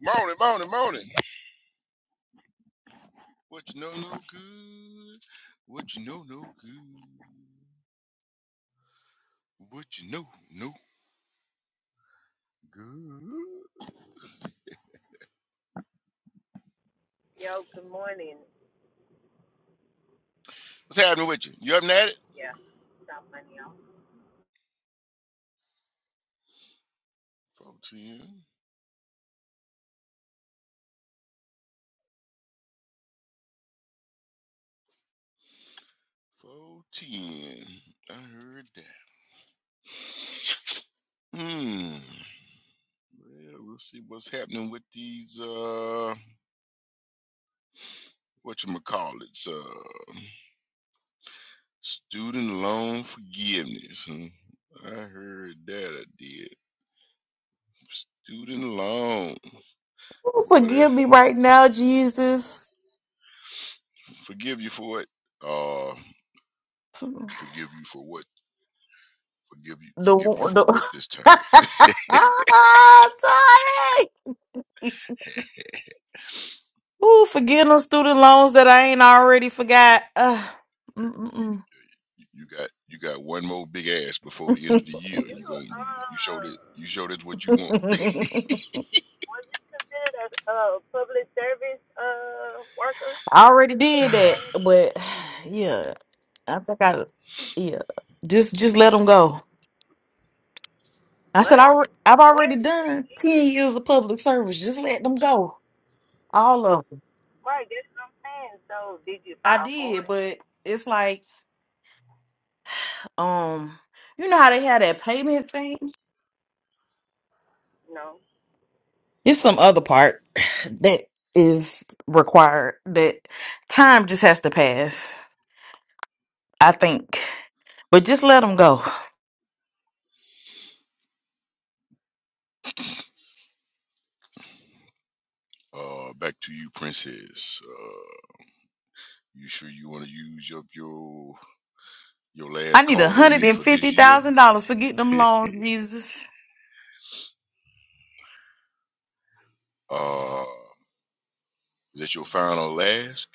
Morning, morning, morning. What you know, no good. What you know, no good. What you know, no good. What's happening with you? You up and at it? 410. 410. I heard that. Hmm. Well, we'll see what's happening with these, uh, what you call it, uh, student loan forgiveness. Huh? I heard that I did. Student loan. Boy, Forgive that. me right now, Jesus. forgive you for it. Uh, forgive you for what? Forgive you, The forgive you for the what this time? Tony. Ooh, forgive them student loans that I ain't already forgot. Ugh. Mm, You you got you got one more big ass before the mm, end of mm. the year. You gon' you, you showed it. You showed it what you want. I already did uh, that, but yeah, I think I yeah. Just just let them go. I said I alre- I've already done ten years of public service. Just let them go, all of them. I did, but it's like. um you know how they had that payment thing it's some other part that is required that time just has to pass i think but just let them go back to you, princess. Uh, you sure you want to use up your your i last need a call on hundred me and for fifty this year? thousand dollars for getting them loans jesus uh, is that your final ask?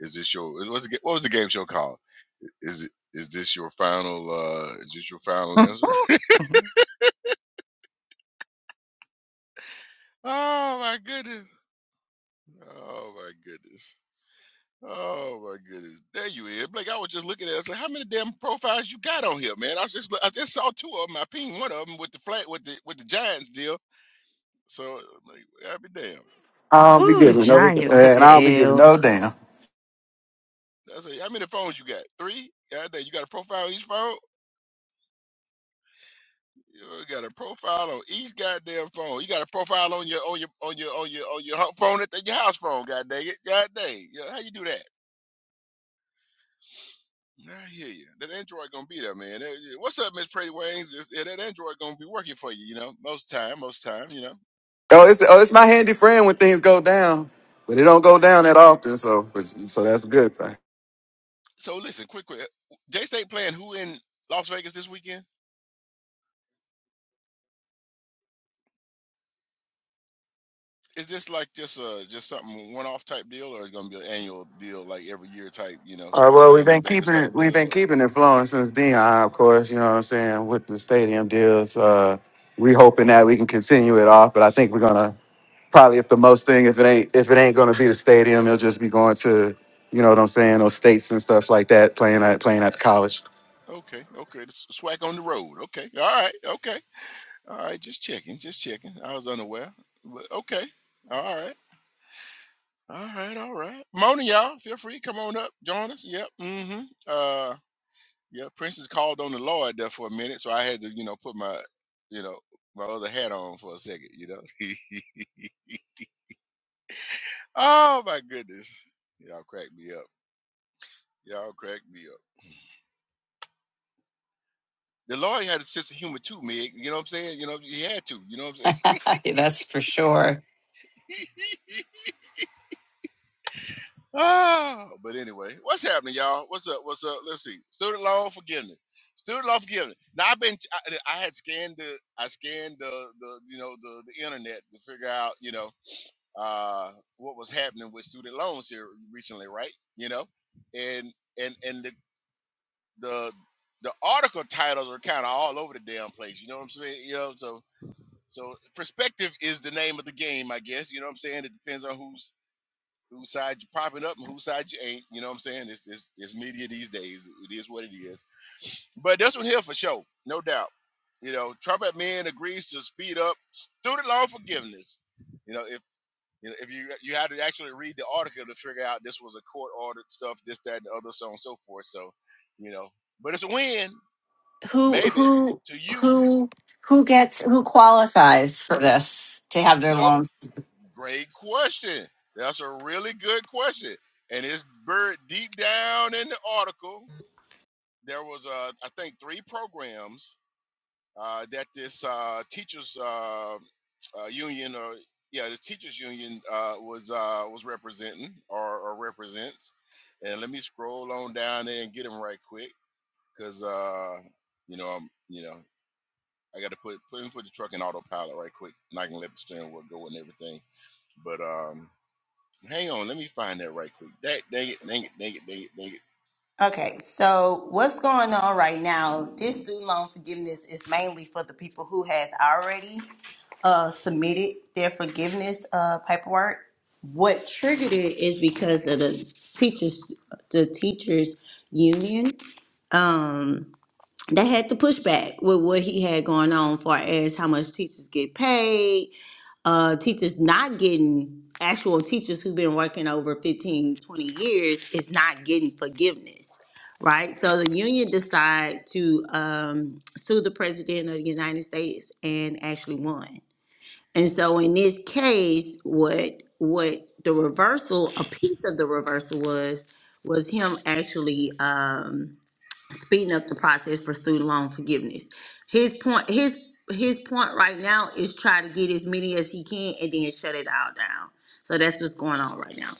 Is this your what's the, ga- what was the game show called? Is it is this your final? uh Is this your final answer? Oh my goodness. Oh my goodness. Oh my goodness. There you is. Blake, I was just looking at it. I said, how many damn profiles you got on here, man? I was just look- I just saw two of them. I pinged one of them with the flat with the with the Giants deal. So like, I'll be damn. I'll be Ooh, the I giving don't no, damn. giants took and I'll be a giving L. no damn. I say, how many phones you got? Three? God damn, you got a profile on each phone? You got a profile on each goddamn phone. You got a profile on your on your on your on your on your hu- phone at the- your house phone, god dang it. God dang. Yeah, how you do that? Nah, I hear you. That Android gonna be there, man. That- yeah. What's up, Miss Pretty Wings? It's- yeah, that Android gonna be working for you. You know, most time, most time. You know. Oh, it's oh, it's my Yeah, handy friend when things go down, but it don't go I down hear that you. often. So, but, so that's a good thing. So listen, quick, quick. J State playing who in Las Vegas this weekend? Is this like just uh just something one off type deal, or is gonna be an annual deal, like every year type, you know, All right. swag Well, we've game been in Vegas keeping type it. We've deal, been or? keeping it flowing since then. of course, you know what I'm saying with the stadium deals. Uh, we hoping that we can continue it off, but I think we're gonna probably if the most thing if it ain't if it ain't gonna be the stadium, it'll just be going to you know what I'm saying those states and stuff like that playing at playing at the college. Okay, okay, it's swag on the road. Okay, all right, okay, all right. Just checking, just checking. I was unaware, but okay, all right. All right, all right. Mona, y'all, feel free, come on up, join us. Yep. Mm-hmm. Uh yeah, Princess called on the Lord there for a minute, so I had to, you know, put my, you know, my other hat on for a second, you know. oh my goodness. Y'all crack me up. Y'all crack me up. The Lord had a sense of humor too, Meg. You know what I'm saying? You know, he had to, you know what I'm saying? That's for sure. Ah, but anyway, what's happening, y'all? What's up? What's up? Let's see. Student loan forgiveness. Student loan forgiveness. Now I've been, I, I had scanned the, I scanned the, the, you know, the, the internet to figure out, you know, uh, what was happening with student loans here recently, right? You know, and and and the the the article titles are kind of all over the damn place. You know what I'm saying? You know, so so perspective is the name of the game, I guess. You know what I'm saying? It depends on who's whose side you popping up and whose side you ain't. You know what I'm saying? It's, it's, it's media these days. It is what it is. But this one here for sure, no doubt. You know, Trump admin agrees to speed up student loan forgiveness. You know, if you know, if you you had to actually read the article to figure out this was a court ordered stuff, this, that, and the other, so on and so forth. So, you know, but it's a win, Who maybe, who to you. who who gets who qualifies for this to have their So, loans? great question. That's a really good question. And it's buried deep down in the article there was uh, I think three programs uh, that this uh, teachers uh, uh, union or yeah this teachers union uh, was uh, was representing or, or represents and let me scroll on down there and get them right quick because uh, you know I'm you know I got to put put put the truck in autopilot right quick and I can let the steering wheel go and everything but um hang on let me find that right quick that dang it dang it dang it dang it dang it Okay, so what's going on right now? This student loan forgiveness is mainly for the people who has already uh, submitted their forgiveness uh, paperwork. What triggered it is because of the teachers, the teachers union. Um, that had to push back with what he had going on far as how much teachers get paid uh teachers not getting actual teachers who've been working over 15, 20 years is not getting forgiveness right so the union decide to um, sue the president of the united states and actually won and so in this case what what the reversal a piece of the reversal was was him actually Um, speeding up the process for student loan forgiveness. His point, his his point right now is try to get as many as he can and then shut it all down. So that's what's going on right now.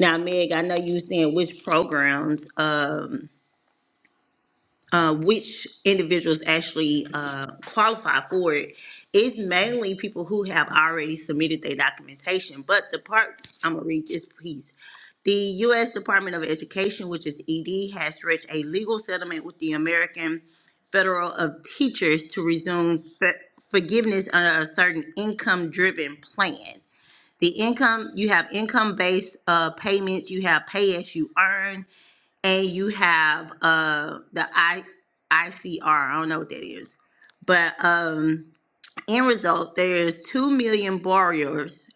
Now, Meg, I know you were saying which programs. um, uh, which individuals actually uh, qualify for it is mainly people who have already submitted their documentation. But the part I'm gonna read this piece. The U.S. Department of Education, which is ED, has reached a legal settlement with the American Federal of Teachers to resume f- forgiveness under a certain income-driven plan. The income you have income-based uh, payments, you have pay as you earn, and you have uh the I ICR. I don't know what that is, but um, end result, there's two million borrowers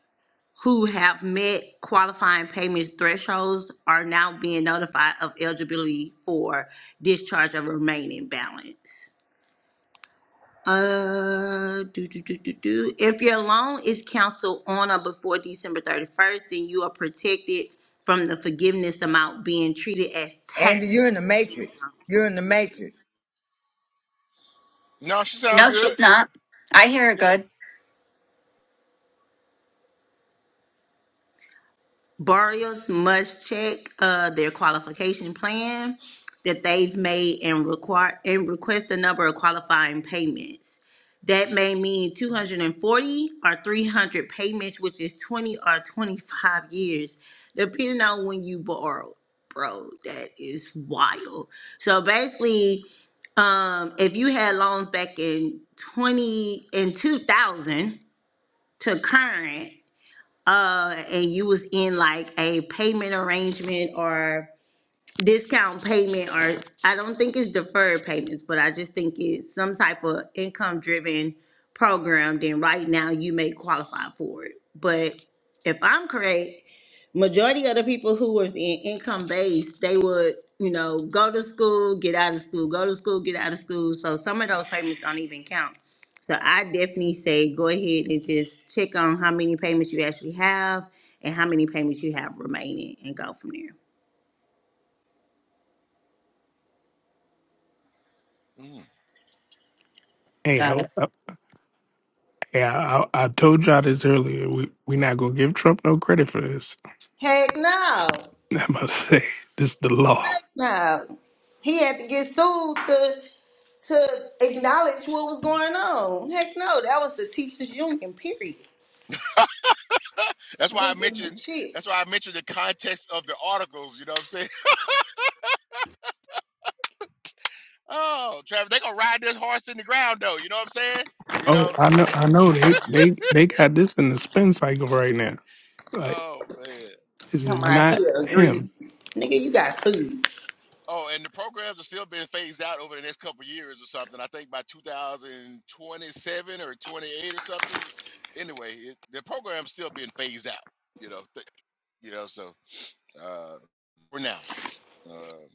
who have met qualifying payments thresholds are now being notified of eligibility for discharge of remaining balance. Uh, do, do, do, do, do. If your loan is canceled on or before December 31st, then you are protected from the forgiveness amount being treated as Andy, taxable you're in the matrix. income. You're in the matrix. no she sound No, good she's not. I hear her yeah. good. Borrowers must check uh, their qualification plan that they've made and require and request the number of qualifying payments. That may mean 240 or 300 payments, which is 20 or 25 years, depending on when you borrow. Bro, that is wild. So basically, um, if you had loans back in 20 in 2000 to current, uh and you was in like a payment arrangement or discount payment or I don't think it's deferred payments, but I just think it's some type of income driven program, then right now you may qualify for it. But if I'm correct, majority of the people who was in income based, they would, you know, go to school, get out of school, go to school, get out of school. So some of those payments don't even count. So I definitely say go ahead and just check on how many payments you actually have and how many payments you have remaining and go from there. Mm. Hey, I, Got it. I, hey, I, I I told y'all this earlier. We we not gonna give Trump no credit for this. Heck no. I'm about to say this is the law. No. He had to get sued to to acknowledge what was going on. Heck no, that was the teachers union, period. That's We why I ain't giving him mentioned. shit. That's why I mentioned the context of the articles. You know what I'm saying? Oh, Travis, they gonna ride this horse in the ground though. You know what I'm saying? You Oh, know? I know, I know. They they they got this in the spin cycle right now. Like Oh man. this Come is out not here, agree. him. Nigga, you got sued. Oh, and the programs are still being phased out over the next couple of years or something. I think by 2027 or 28 or something. Anyway, it, the program's still being phased out. You know. Th- you know. So uh, for now. Um,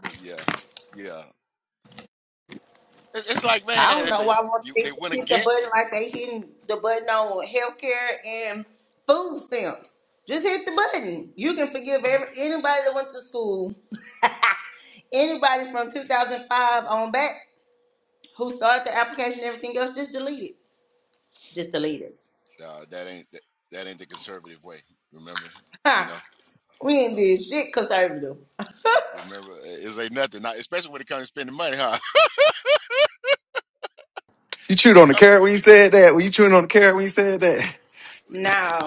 but yeah, yeah. It, it's like man, I don't it's know a, why want you they to they went hit the against. button like they hitting the button on healthcare and food stamps. Just hit the button. You can forgive every, anybody that went to school, anybody from 2005 on back who started the application and everything else, just delete it. Just delete it. Uh, that ain't that, that ain't the conservative way. Remember, you know. Ha! we ain't Rem- did shit conservative. Remember, it's ain't nothing. Not, especially when it comes to spending money, huh? You chewed When it on the comes, carrot when you said that. Were you chewing on the carrot when you said that? it's, uh, Now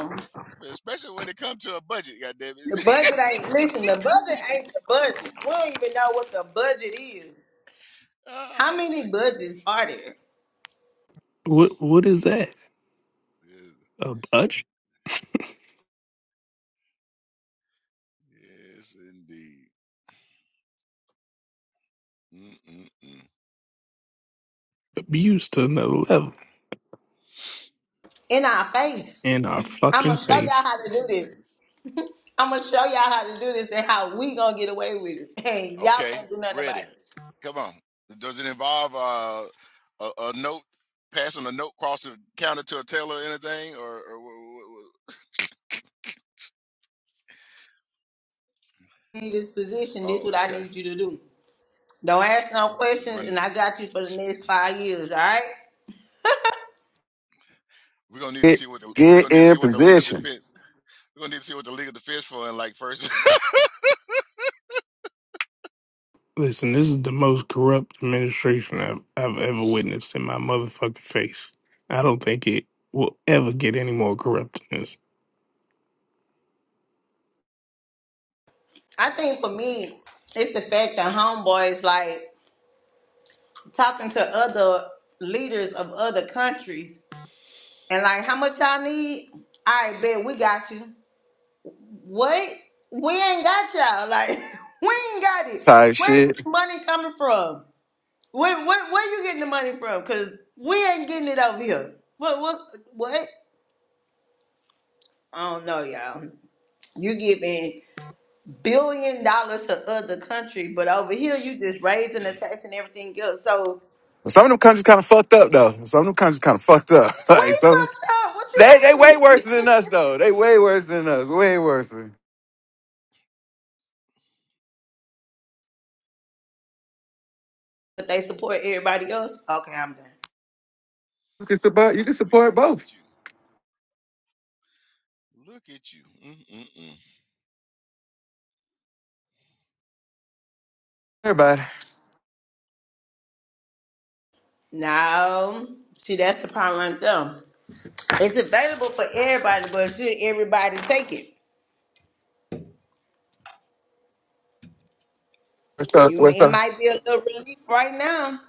espe- especially when it comes to a budget. Goddamn the it! budget ain't listen. The budget ain't the budget. We don't even know what the budget is. How oh my many budgets goodness. are there What what is that? Yes, Abuse, yes indeed. Mm-mm-mm. abuse to another level in our face? in our I'm fucking gonna show y'all face. how to do this. I'm gonna show y'all how to do this and how we gonna get away with it. And y'all Okay, can't do nothing about ready. it. Come on. Does it involve uh, a, a note passing a note across the counter to a teller or anything, or, or wh- wh- wh- In this position, this oh, what I okay. need you to do. Don't ask no Just questions, run and I got you for the next five years. All right. We're gonna need to get see what the we're get gonna need to see in what the legal position defense we're gonna need to see what the legal defense for in like first Listen, this is the most corrupt administration I've, I've ever witnessed in my motherfucking face. I don't think it will ever get any more corrupt I law think for and order. me, it's the fact that homeboys like. talking to other leaders of other countries and like how much y'all need? All right, bet we got you. What? We ain't got y'all. Like we ain't got it. type Where's shit. the money coming from? Where, where where you getting the money from? Cause we ain't getting it over here. What what what? I don't know, y'all. You giving billion dollars to other country, but over here you just raising the tax and everything else. So Some of them countries kind of fucked up though. Some of them countries kind of fucked up. we like some, fucked up. What you they they way mean? worse than us though. They way worse than us. Way worse. Than, but they support everybody else. Okay, I'm done. you can support you can Ooh wee! support Look both. at you! Look at you! Mm-mm-mm. Everybody. No, see, that's the problem right there. It's available for everybody, but should everybody take it? What's up? You What's may, it up? might be a little relief right now,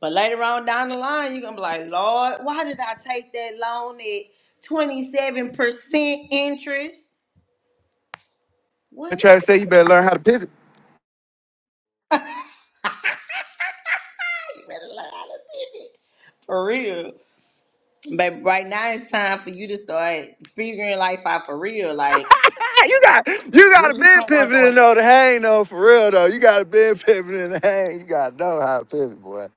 but later on down the line, you're gonna be like, Lord, why did I take that loan at 27 percent interest? I What? try to say you better learn how to pivot. You better learn how to pivot for real. But right now, it's time for you to start figuring life out for real. Like, you got you gotta what you been plan on pivoting doing? though to hang though for real though. You gotta been pivoting to hang. You gotta know how to pivot, boy.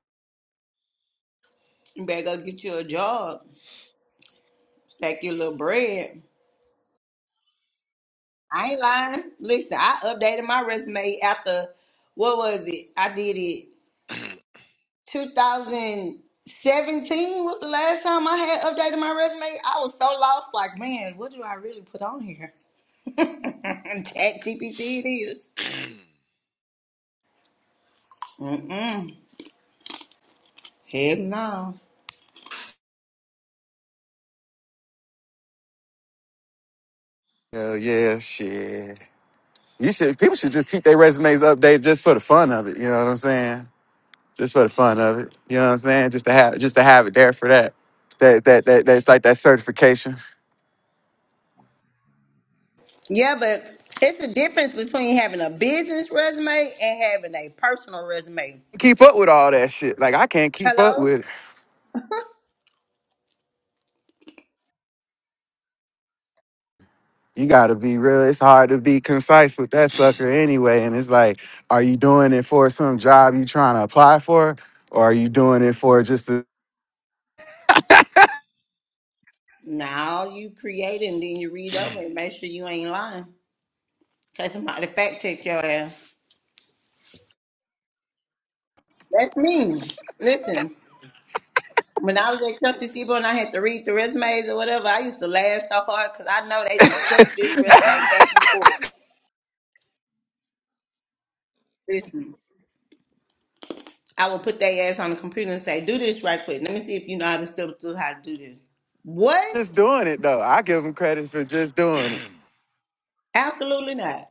You better go get you a job, stack your little bread. I ain't lying. Listen, I updated my resume after what was it? I did it 2017 was the last time I had updated my resume. I was so lost, like, man, what do I really put on here? Chat GPT it is. Mm-mm. Heck no. Hell yeah, shit. You should people should just keep their resumes updated just for the fun of it. You know what I'm saying? just for the fun of it. You know what I'm saying? Just to have just to have it there for that. That that that that's like that certification. Yeah, but it's the difference between having a business resume and having a personal resume. Keep up with all that shit. Like I can't keep up Hello? with it. You gotta be real. It's hard to be concise with that sucker anyway. And it's like, are you doing it for some job you trying to apply for? Or are you doing it for just to, Now you create and then you read over and make sure you ain't lying. Cause somebody fact check your ass. That's me. Listen, when I was at Trusty Sebo and I had to read the resumes or whatever, I used to laugh so hard because I know they just studied this resume back and forth. Listen, I would put their ass on the computer and say, "Do this right quick. Let me see if you know how to still do how to do this." What? just doing it though? I give them credit for just doing it. Absolutely not.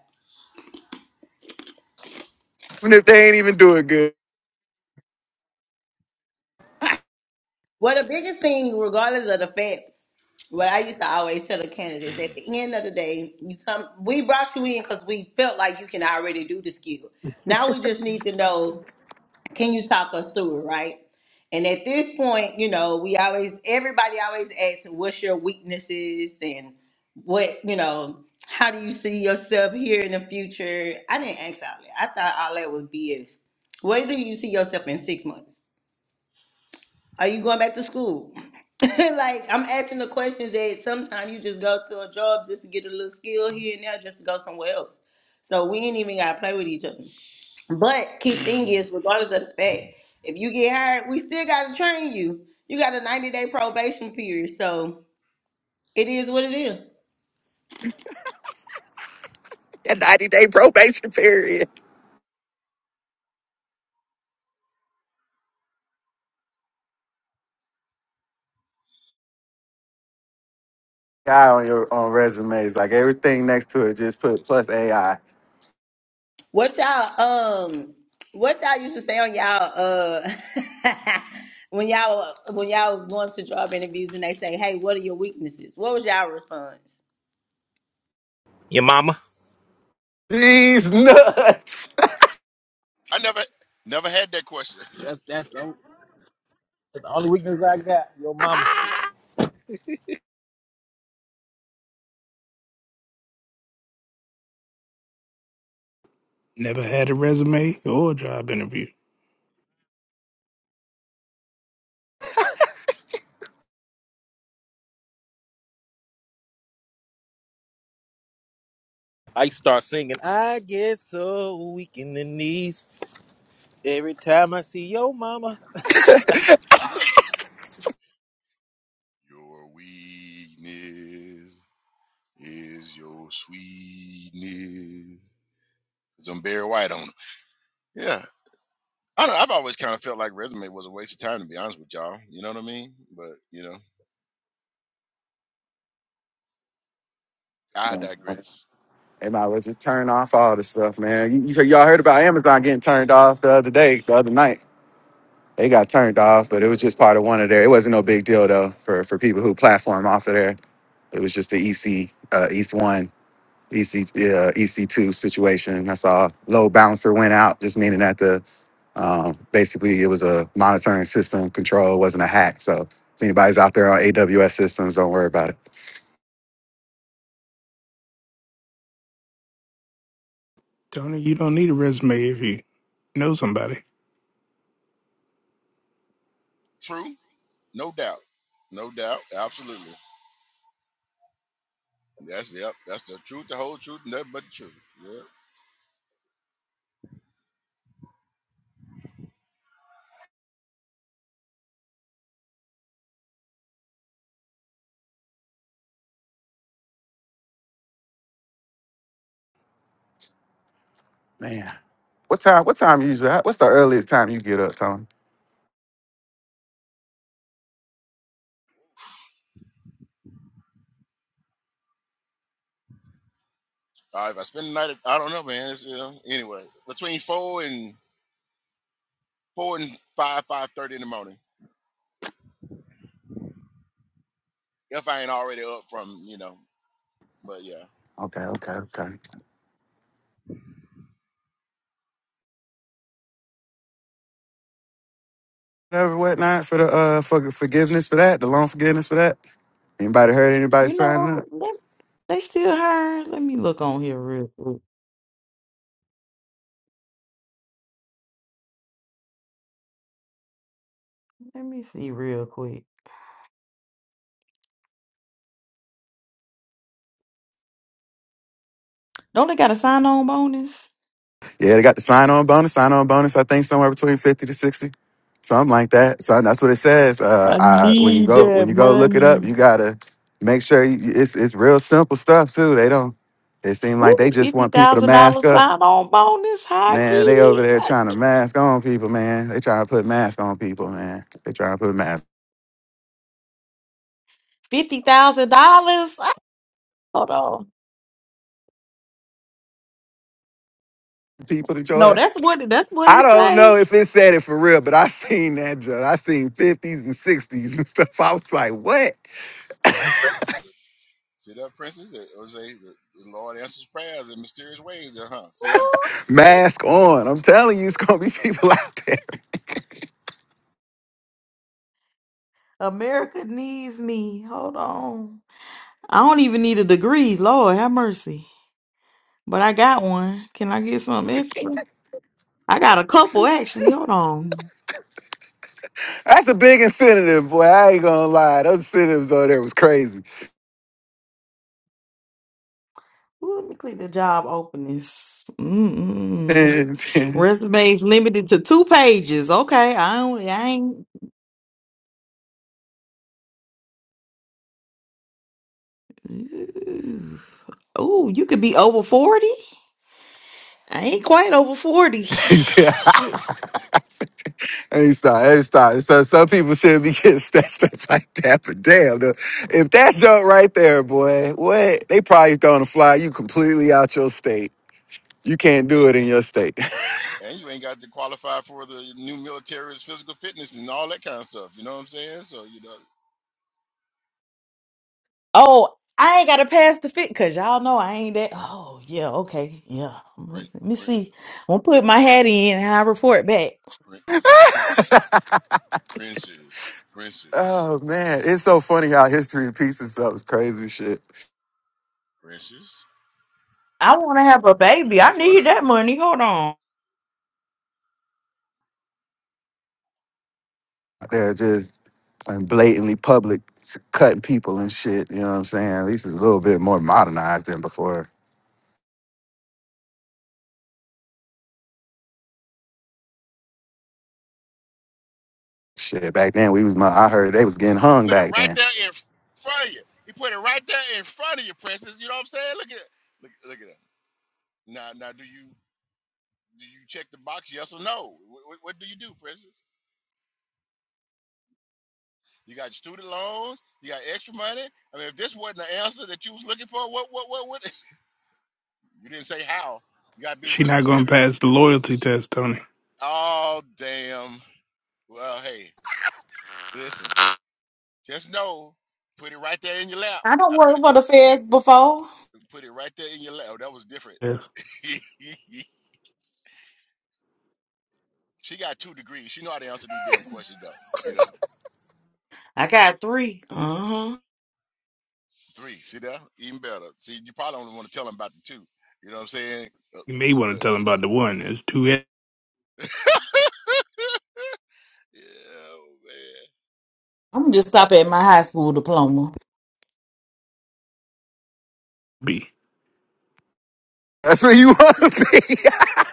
Even if they ain't even doing good. Well, the biggest thing, regardless of the fact what I used to always tell the candidates at the end of the day, you come. We brought you in because we felt like you can already do the skill. Now we just need to know, can you talk us through it, right? And at this point, you know, we always everybody always asks, what's your weaknesses and what you know, how do you see yourself here in the future? I didn't ask all that. I thought all that was BS. Where do you see yourself in six months? Are you going back to school? like I'm asking the questions that sometimes you just go to a job just to get a little skill here and there, just to go somewhere else. So we ain't even gotta play with each other. But key thing is, regardless of the fact, if you get hired, we still gotta train you. You got a 90 day probation period, so it is what it is. That 90 day probation period. AI on your on resumes, like everything next to it, just put plus AI What y'all um what y'all used to say on y'all uh when y'all when y'all was going to job interviews and they say, Hey, what are your weaknesses? What was y'all response? Your mama. These nuts. I never never had that question. That's that's the only, that's the only weakness I got. Your mama. Never had a resume or a job interview. I used to start singing. I get so weak in the knees every time I see your mama. Your weakness is your sweetness. 'Cause I'm Barry White on it. Yeah. I don't, I've always kind of felt like resume was a waste of time, to be honest with y'all. You know what I mean? But, you know, I digress. Everybody might well just turn off all this stuff, man. You, you, y'all heard about Amazon getting turned off the other day, the other night. They got turned off, but it was just part of one of their. It wasn't no big deal though for for people who platform off of there. It was just the EC uh, East One, EC uh, EC Two situation. That's all. Load balancer went out, just meaning that the um, basically it was a monitoring system control. It wasn't a hack. So if anybody's out there on AWS systems, don't worry about it. Tony, you don't need a resume if you know somebody. True, no doubt, no doubt, absolutely. That's yep. That's the truth, the whole truth, and nothing but the truth. Yeah. Man. What time? What time you usually? What's the earliest time you get up, Tony? Uh, if I spend the night, at, I don't know, man. It's, you know, anyway, between four and four and five, five thirty in the morning, if I ain't already up from, you know. But yeah, Okay, okay, okay. Whatever, whatnot for the uh for forgiveness for that, the loan forgiveness for that. Anybody heard anybody you signing know up? let- they still hiring let me look on here real quick let me see real quick don't they got a sign-on bonus Yeah, they got the sign on bonus. Sign on bonus. I think somewhere between fifty to sixty, something like that. So that's what it says. Uh, i I when you need go when that you go look it up, money you gotta make sure you, it's it's real simple stuff too. They don't. It seems like Ooh, they just fifty want people to thousand dollar mask up. sign on bonus. How I get Man, they over it? there trying to mask on people, man. They trying to put mask on people, man. They trying to put mask. Fifty thousand dollars. Hold on. people to No, join. that's what that's what I it don't know say. if it said it for real, but I seen that joint. I seen 50s and 60s and stuff. I was like, what? Prince. see that princess, that Jose, the, the Lord answers prayers in mysterious ways, uh huh. See that, Ooh, see that, Mask on. I'm telling you, it's gonna be people out there. America needs me. Hold on. I don't even need a degree. Lord have mercy. But I got one. Can I get something extra? I got a couple actually. Hold on. That's a big incentive, boy. I ain't gonna lie. Those incentives over there was crazy. Ooh, let me click the job openings. Mm-mm. And, and Resumes limited to two pages. Okay, I don't. I ain't. Ooh, Ooh, you could be over forty. I ain't quite over forty. he said, Shit. Hey, stop, hey, stop. So some people shouldn't be getting snatched up like that, but damn, the- if that's junk right there, boy, what? They probably throwing a fly you completely out your state. You can't do and, it in and your state. and you ain't got to qualify for the new military's physical fitness and all that kind of stuff. You know what I'm saying? So you know, Oh, I ain't gotta pass the fit because y'all know I ain't that. Oh yeah. Okay. Yeah. Prince, Let me Prince, see. I'm gonna put my hat in and I report back. Princes, princes, oh man, it's so funny how history repeats itself. It's crazy shit. princes. I want to have I, a I put baby. it in I front need of you. that money. Hold on. They're just and blatantly public s- cutting people and shit. You know what I'm saying? At least it's a little bit more modernized than before. Shit, back then we was. mo- I heard they was getting hung Put it back right then. there in front of you. He put it right there in front of you, princess. You know what I'm saying? Look at, look, look at that. Now, now, do you do you check the box? Yes or no? What, what, what do you do, princess? You got student loans. You got extra money. I mean, if this wasn't the answer that you was looking for, what, what, what, what? You didn't say how. You got to be She real not gonna specific. pass the loyalty test, Tony. Oh, damn. Well, hey, listen. Just know, put it right there in your lap. I don't I put work it. for the feds before. Put it right there in your lap. Oh, that was different. Yes. she got two degrees. She know how to answer these damn questions though. You know, I got three. Uh-huh. three. See there, even better. See, you probably only want to tell them about the two. You know what I'm saying? Uh, You may yeah, want But to tell them you know, about the one. It's too yeah, oh, man. am just stop at my Uh, high school diploma, heavy. That's where you want to be.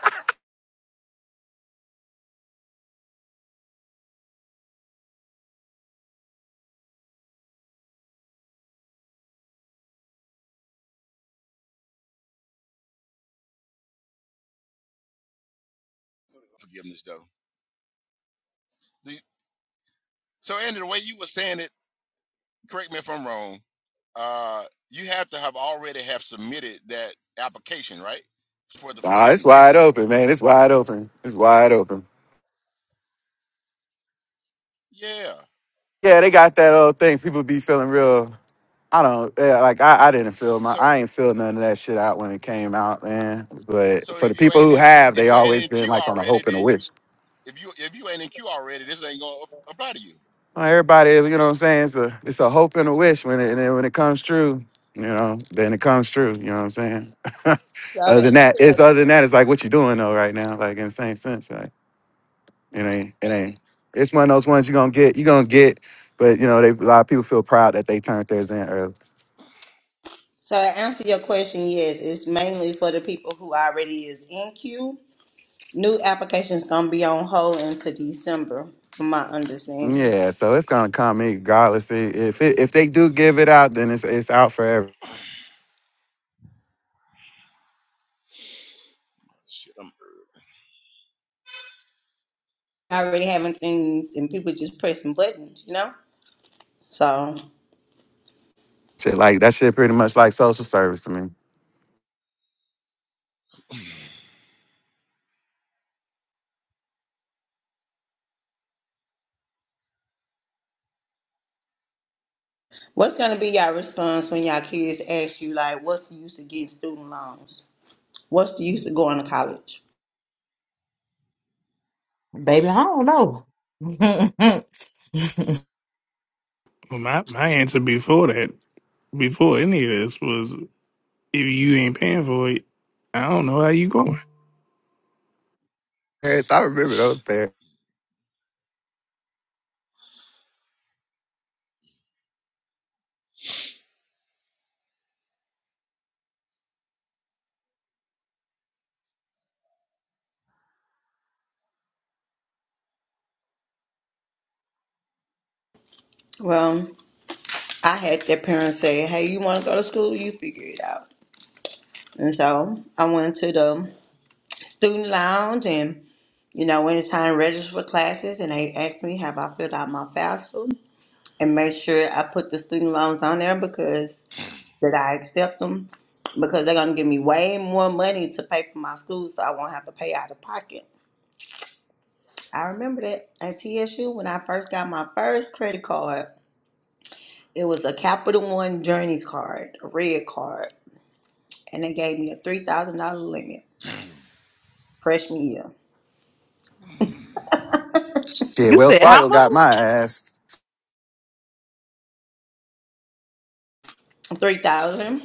forgiveness though. The, so Andy, the way you were saying it, correct me if I'm wrong. Uh, you have to have already have submitted that application, right, for the Nah, it's forgiveness. wide open, man. It's wide open. It's wide open. Yeah. Yeah, they got that old thing. People be feeling real. I don't yeah, like I, I didn't So, feel my I ain't feel none of so, that shit out when it came out, man. But so for the if you people ain't who in have, if they you ain't always in been queue like on a already, hope and a then you wish. If you if you ain't in queue already, this ain't gonna apply to you. Well, everybody, you know what I'm saying? It's a it's a hope and a wish when it and then when it comes true, you know, then it comes true, you know what I'm saying? So other to than that, answer it's your other than that, it's like what you doing though right now, like in the same sense, like it ain't it ain't it's one of those ones you're gonna get, you're gonna get, but you know, they a lot of people feel proud that they turned theirs in early. so to answer your question, yes, it's mainly for the people who already is in queue. New applications gonna be on hold until December, from my understanding. Yeah, so it's gonna come in regardless. I- If it, if they do give it out, then it's it's out forever. Shit, I'm. Already having things and people just pressing buttons, you know. So, Shit, like that shit pretty much like social service to me. what's gonna be your response when your kids ask you like, "What's the use of getting student loans? What's the use of going to college?" baby. I don't know, Well, my my answer before that, before any of this, was if you ain't paying for it, I don't know how you going. Yes, I remember those pairs. Well, I had their parents say, "Hey, you want to go to school? You figure it out." And so I went to them. student lounge and you know anytime register for classes and they asked me have i filled out my fafsa and make sure i put the student loans on there because that i accept them because they're going to give me way more money to pay for my school so i won't have to pay out of pocket i remember that at tsu when i first got my first credit card it was a capital one journeys card a red card and they gave me a $3000 limit freshman year Shit, You Wells said how Fargo much? got my ass. 3000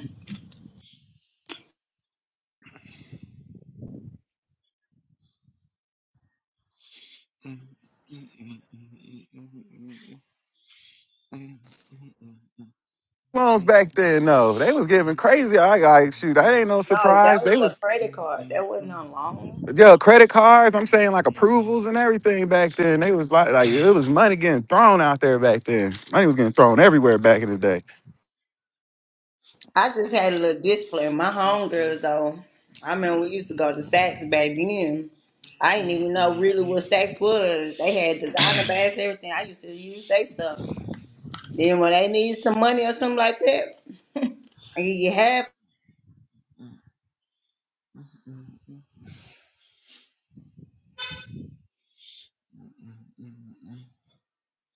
Loans back then, no, they was giving crazy. I got like, shoot, that ain't no No, that surprise. was They a was credit card. That wasn't a loan. yo credit cards. I'm saying like approvals and everything back then. They was like like it was money getting thrown out there back then. Money was getting thrown everywhere back in the day. I just had a little discipline. My homegirls, though, I mean, we used to go to Saks back then. I didn't even know really what Saks was. They had designer bags, everything. I used to use their stuff. Then when they need some money or something like that, I give you half.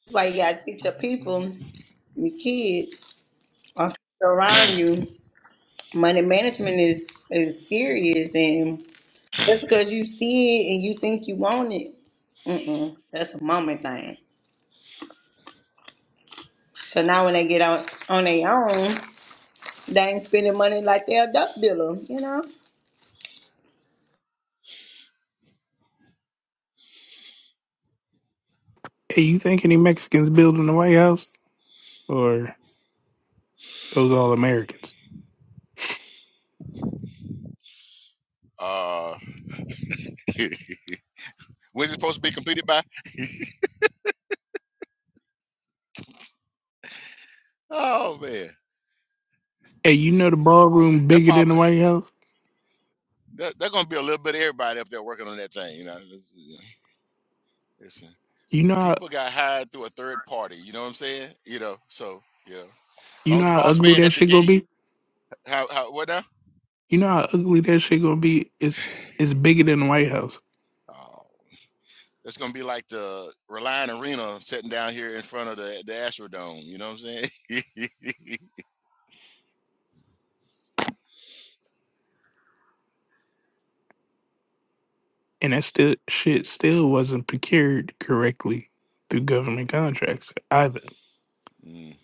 It's Like you gotta teach your people, your kids, or people around you. Money management is is serious, and. That's because you see it and you think you want it. Mm-mm. That's a moment thing. So now when they get out on their own, they ain't spending money like they're a duck dealer, you know? Hey, you think any Mexicans building the White House or those all Americans? Uh, when's it supposed to be completed by? Oh man, Hey, you know the ballroom that bigger than the probably White House. that, they're gonna be a little bit of everybody up there working on that thing. You know, It's- it's, You know The how people got hired through a third party. You know what I'm saying? You know, so you know, as you long know as the how boss ugly man that at the shit gonna gate, be. how, how what now? You know how ugly that shit gonna be? It's it's bigger than the White House. Oh, it's gonna be like the Reliant Arena sitting down here in front of the the Astrodome. You know what I'm saying? And that still shit still wasn't procured correctly through government contracts either. Mm.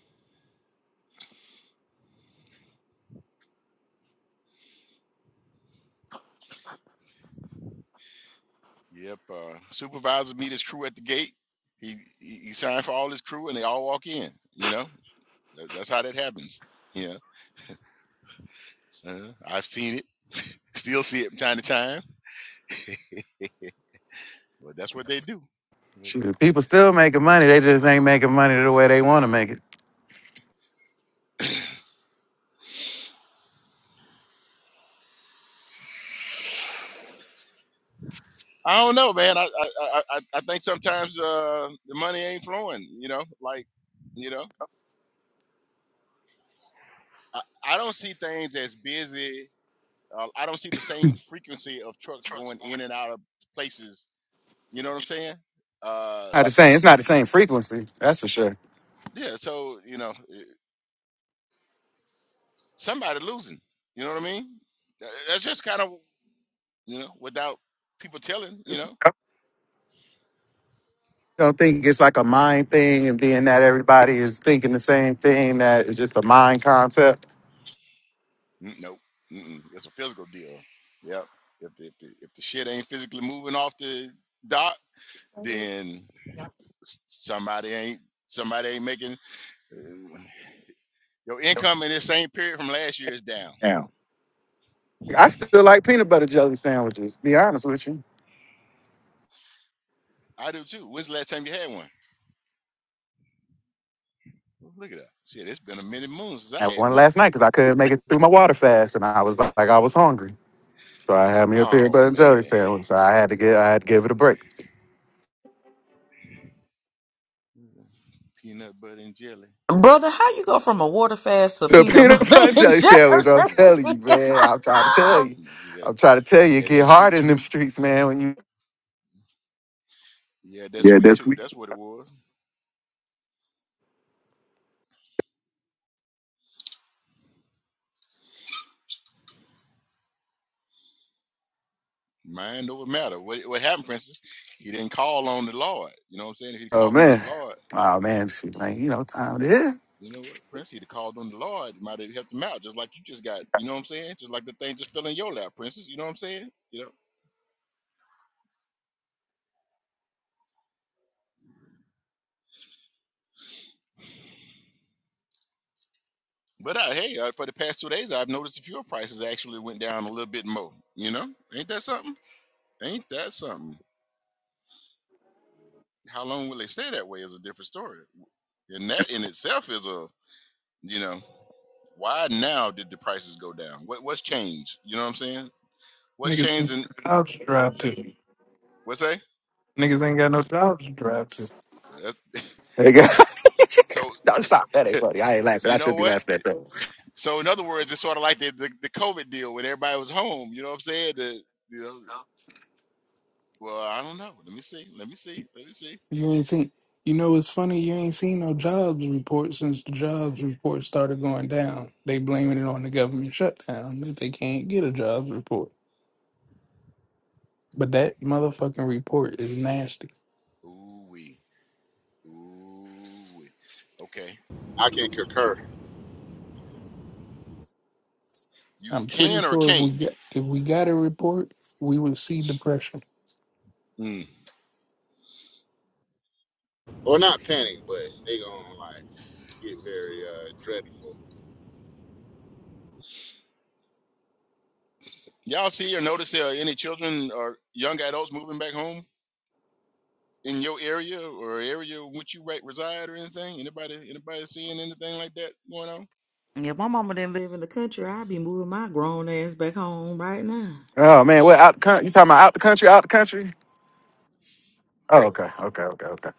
Yep. Uh, supervisor meet his crew at the gate. He, he he signed for all his crew, and they all walk in. You know, That- that's how that happens. You know, uh, I've seen it, still see it from time to time. But that's what they do. Shoot, people still making money. That's They just what. ain't making money the way they want to make it. I don't know, man. I I I, I I think sometimes uh, the money ain't flowing. You know, like you know, I, I don't see things as busy. Uh, I don't see the same frequency of trucks going in and out of places. You know what I'm saying? Uh, Not the same. It's not the same frequency. That's for sure. yeah. So you know, eh, somebody losing. You know what I mean? Tha- That's just kind of you know without people telling. You know, Don't think it's like a mind thing, and being that everybody is thinking the same thing, that it's just a mind concept. "Mm, nope. Mm-mm. It's a physical deal. Yep. If the, if the if the shit ain't physically moving off the dock then somebody ain't somebody ain't making uh, your income in this same period from last year is down. Now, I still like peanut butter jelly sandwiches. Be honest with you. I do too. When's the last time you had one? Well, Look at that. Shit, it's been a minute moon since I I had had one one. last night because I couldn't make it through my water fast, and I was like, I was hungry, so I had me a peanut Oh butter and jelly man, sandwich. So I had to get, I had to give it a break. peanut butter and jelly. brother. How you go from a water fast to To a peanut peanut butter butter and and jelly Yeah, sandwich, I'm telling you, jelly? man. I'm trying to Mm-hmm. tell you. You got- I'm trying to tell you, you it had get that hard sweet in them tooth. streets, man. When you, Yeah, that's yeah, sweet that's too. we. That's what it was. Mind over matter. What what happened, Princess? He didn't call on the Lord. You know what I'm saying? If he oh called on the man, Lord. oh man, shoot, man, you know what time it is. You know what? Prince he'd have called on the Lord. It might have helped him out, just like you just got. You know what I'm saying? Just like the thing just fell in your lap, Princess. You know what I'm saying? You know. But uh, hey, uh, for the past two days, I've noticed the fuel prices actually went down a little bit more. You know, ain't that something? Ain't that something? How long will they stay that way is a different story, and that in itself is a you know why now did the prices go down? What what's changed? You know what I'm saying? What's Niggas ain't got no changed in jobs to drive to. what's that? Niggas ain't got no jobs to drive to. Nigga. So no, stop. That ain't funny. I ain't laughing. you I know should be what? laughing at that. So in other words, it's sort of like the, the, the COVID deal when everybody was home. You know what I'm saying? The, you know, well, I don't know. Let me see. Let me see. Let me see. You ain't seen you know it's funny, you ain't seen no jobs report since the jobs report started going down. They Right. blaming it on the government shutdown that they can't get a jobs report. But that motherfucking report is nasty. Ooh wee. Ooh wee. Okay. I can concur. You I'm pretty can or sure if we can't. get if we got a report, we would see depression. Mm. Well, not panic, but they gonna like get very uh, dreadful. Y'all see or notice there are any children or young adults moving back home in your area or area in which you right reside or anything? Anybody anybody seeing anything like that going on? if my mama didn't live in the country, I'd be moving my grown ass back home right now. Oh You man, what don't. out the country? You talking about out the country? Out the country? Oh, okay, okay, okay, okay.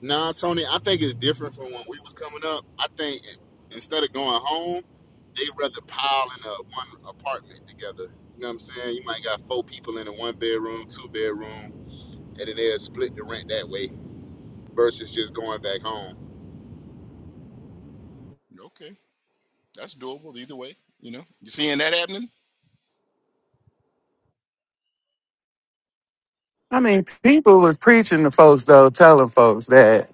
Nah, Tony, I think it's different from when we was coming up. I think instead of going home, they rather pile in a one apartment together. You know what I'm saying? You might got four people in a one bedroom, two bedroom, and then they'll split the rent that way versus just going back home. Okay. That's doable either way. You know. You seeing that happening? I mean, people was preaching to folks though, telling folks that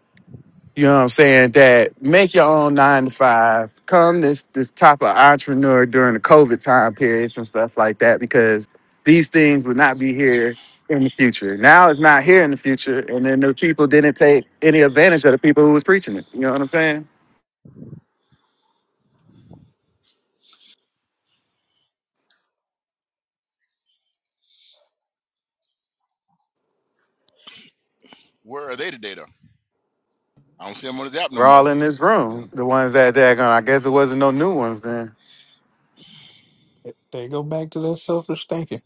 you know what I'm saying that make your own nine to five. Come this this type of entrepreneur during the COVID time periods and stuff like that because these things would not be here in the future. Now it's not here in the future, and then the people didn't take any advantage of the people who was preaching it. You know what I'm saying? Where are they today though? I don't see him on his app no We're all more. in this You know, room. The ones that daggone. I guess it wasn't no new ones then. They go back to that selfish thinking,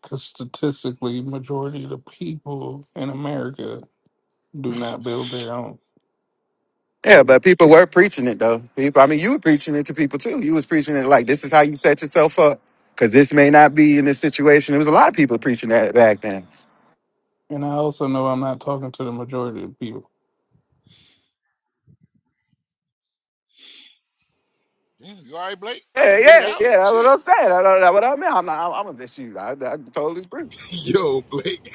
because statistically, majority of the people in America do not build their own. Yeah, So, but people were preaching it though. People, I mean, you were preaching it to people too. You was preaching it like this is how you set yourself up because this may not be in this situation. There was a lot of people preaching that back then. and I also know I'm not talking to the majority of the people. damn, you all right, Blake? Yeah, You get it yeah, out? yeah. That's what Shit. I'm saying. I don't know what I mean. I'm not. I'm, I'm this you. I, I totally agree. Yo, Blake,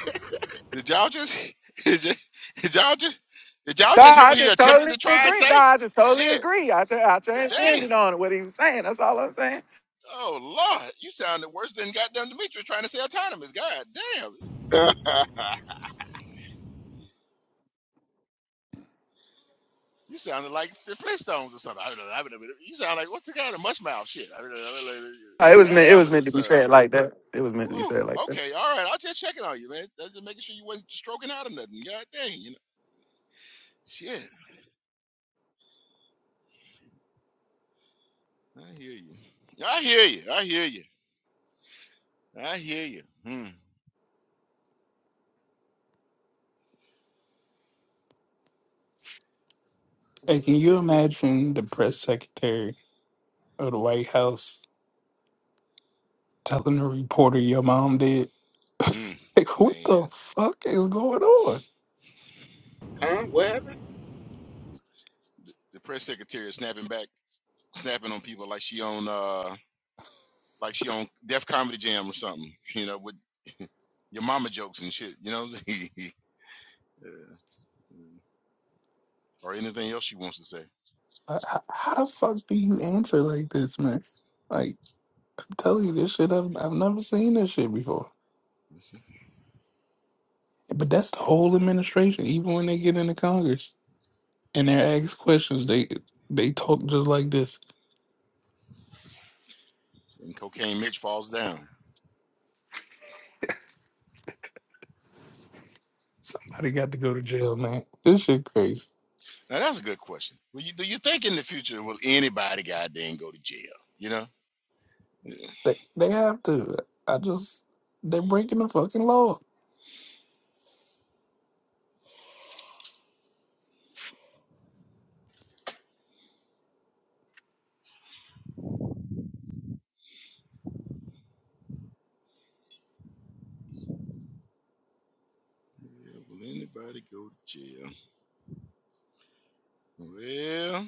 Did y'all just, did y- did y'all just, did y'all No, just hear I what he just attempted totally to try and agree. say? No, I just totally Shit. agree. I tra- I Damn. transcended on what he was saying. That's all I'm saying. Oh, Lord. You sounded worse than goddamn Demetrius trying to say autonomous. God damn. You sounded like the Flintstones or something. I don't know. I don't know. You sound like, what's the guy, the mush shit? I don't know. Uh, It was Bad meant. It was Albert meant to is, be uh, said like that. It was meant to be whoa. said like that. Okay. All right. I'll just checking on you, man. That's Just making sure you wasn't stroking out or nothing. God dang. You know, shit. I hear you. I hear you. I hear you. I hear you. Hmm. Hey, can What's the you imagine the press secretary of the White House telling a reporter your mom did? Mm, Like, what man, the fuck is going on? huh? What happened? the, the press secretary is snapping back, snapping on people like she on uh like she on Def Comedy Jam or something. You know, with your mama jokes and shit. You know, Yeah, mm. or anything else she wants to say. H- h- How the fuck do you answer like this, man? Like. Tell you this shit. I've, I've never seen this shit before. But that's the whole administration. Even when they get into Congress and they're asked questions, they they talk just like this. And cocaine Mitch falls down. Somebody got to go to jail, man. This shit crazy. Now that's a good question. Will you, do you think in the future will anybody goddamn go to jail? You know. Yeah. They they have to. I just they're breaking the fucking law. Yeah, will anybody go to jail? Well.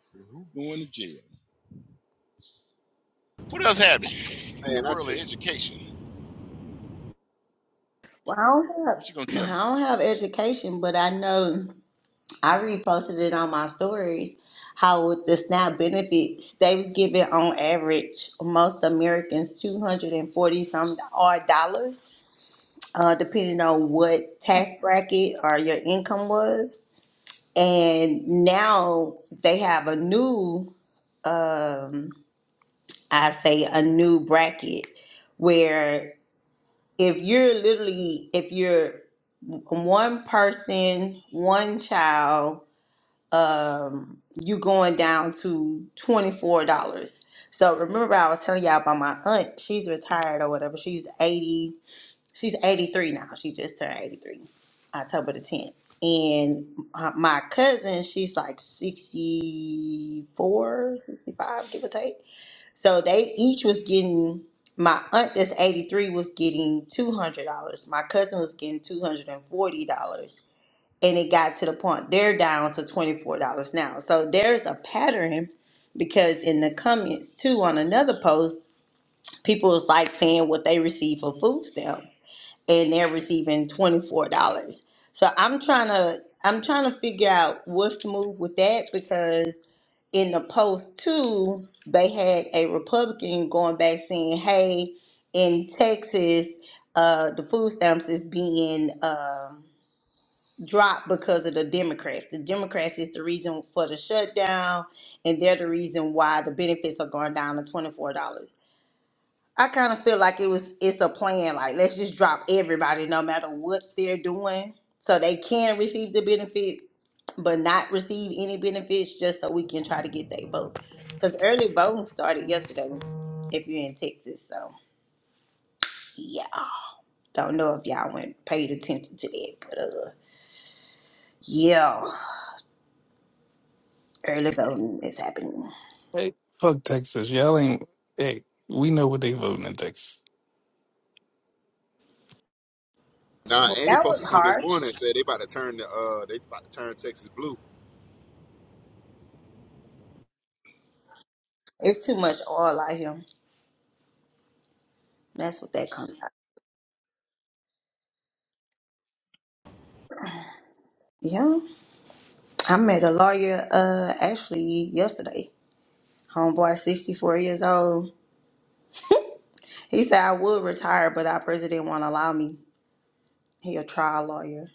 So who going to jail? What else happened in the Man, I world tell of you. education? Hmm. Well, I don't have What you gonna tell I me? don't have education, but I know I reposted it on my stories how with the SNAP benefits, they was giving on average most Americans two hundred and forty some odd dollars, uh, depending on what tax bracket or your income was. and now they have a new um i say a new bracket where if you're literally if you're one person one child um you going down to $24 so remember i was telling y'all about my aunt she's retired or whatever she's 80 she's 83 now. She just turned 83, October the 10th. And uh, my cousin, she's like 64, 65, give or take. So they each was getting, my aunt that's 83 was getting $200. My cousin was getting $240. And forty dollars. And it got to the point, they're down to $24 now. So there's a pattern because in the comments too on another post, people is like saying what they receive for food stamps and they're receiving $24 so i'm trying to i'm trying to figure out what's the move with that because in the post too they had a republican going back saying hey in texas uh, the food stamps is being um, dropped because of the democrats the democrats is the reason for the shutdown and they're the reason why the benefits are going down to $24 I kind of feel like it was it's a plan. Like let's just drop everybody, no matter what they're doing, so they can receive the benefit, but not receive any benefits, just so we can try to get their vote. Because early voting started yesterday. If you're in Texas, so yeah. Don't know if y'all went paid attention to that, but uh, yeah, early voting is happening. Hey, fuck Texas. Y'all ain't. Hey, we know what they voting in Texas. Nah, Andy That was posted something this harsh. morning and said they about to turn the uh they about to turn Texas blue. It's too much oil out here. That's what that comes out. Yeah, I met a lawyer uh actually yesterday. Homeboy, 64 years old. He said, I would retire, but our president won't allow me. He a trial lawyer.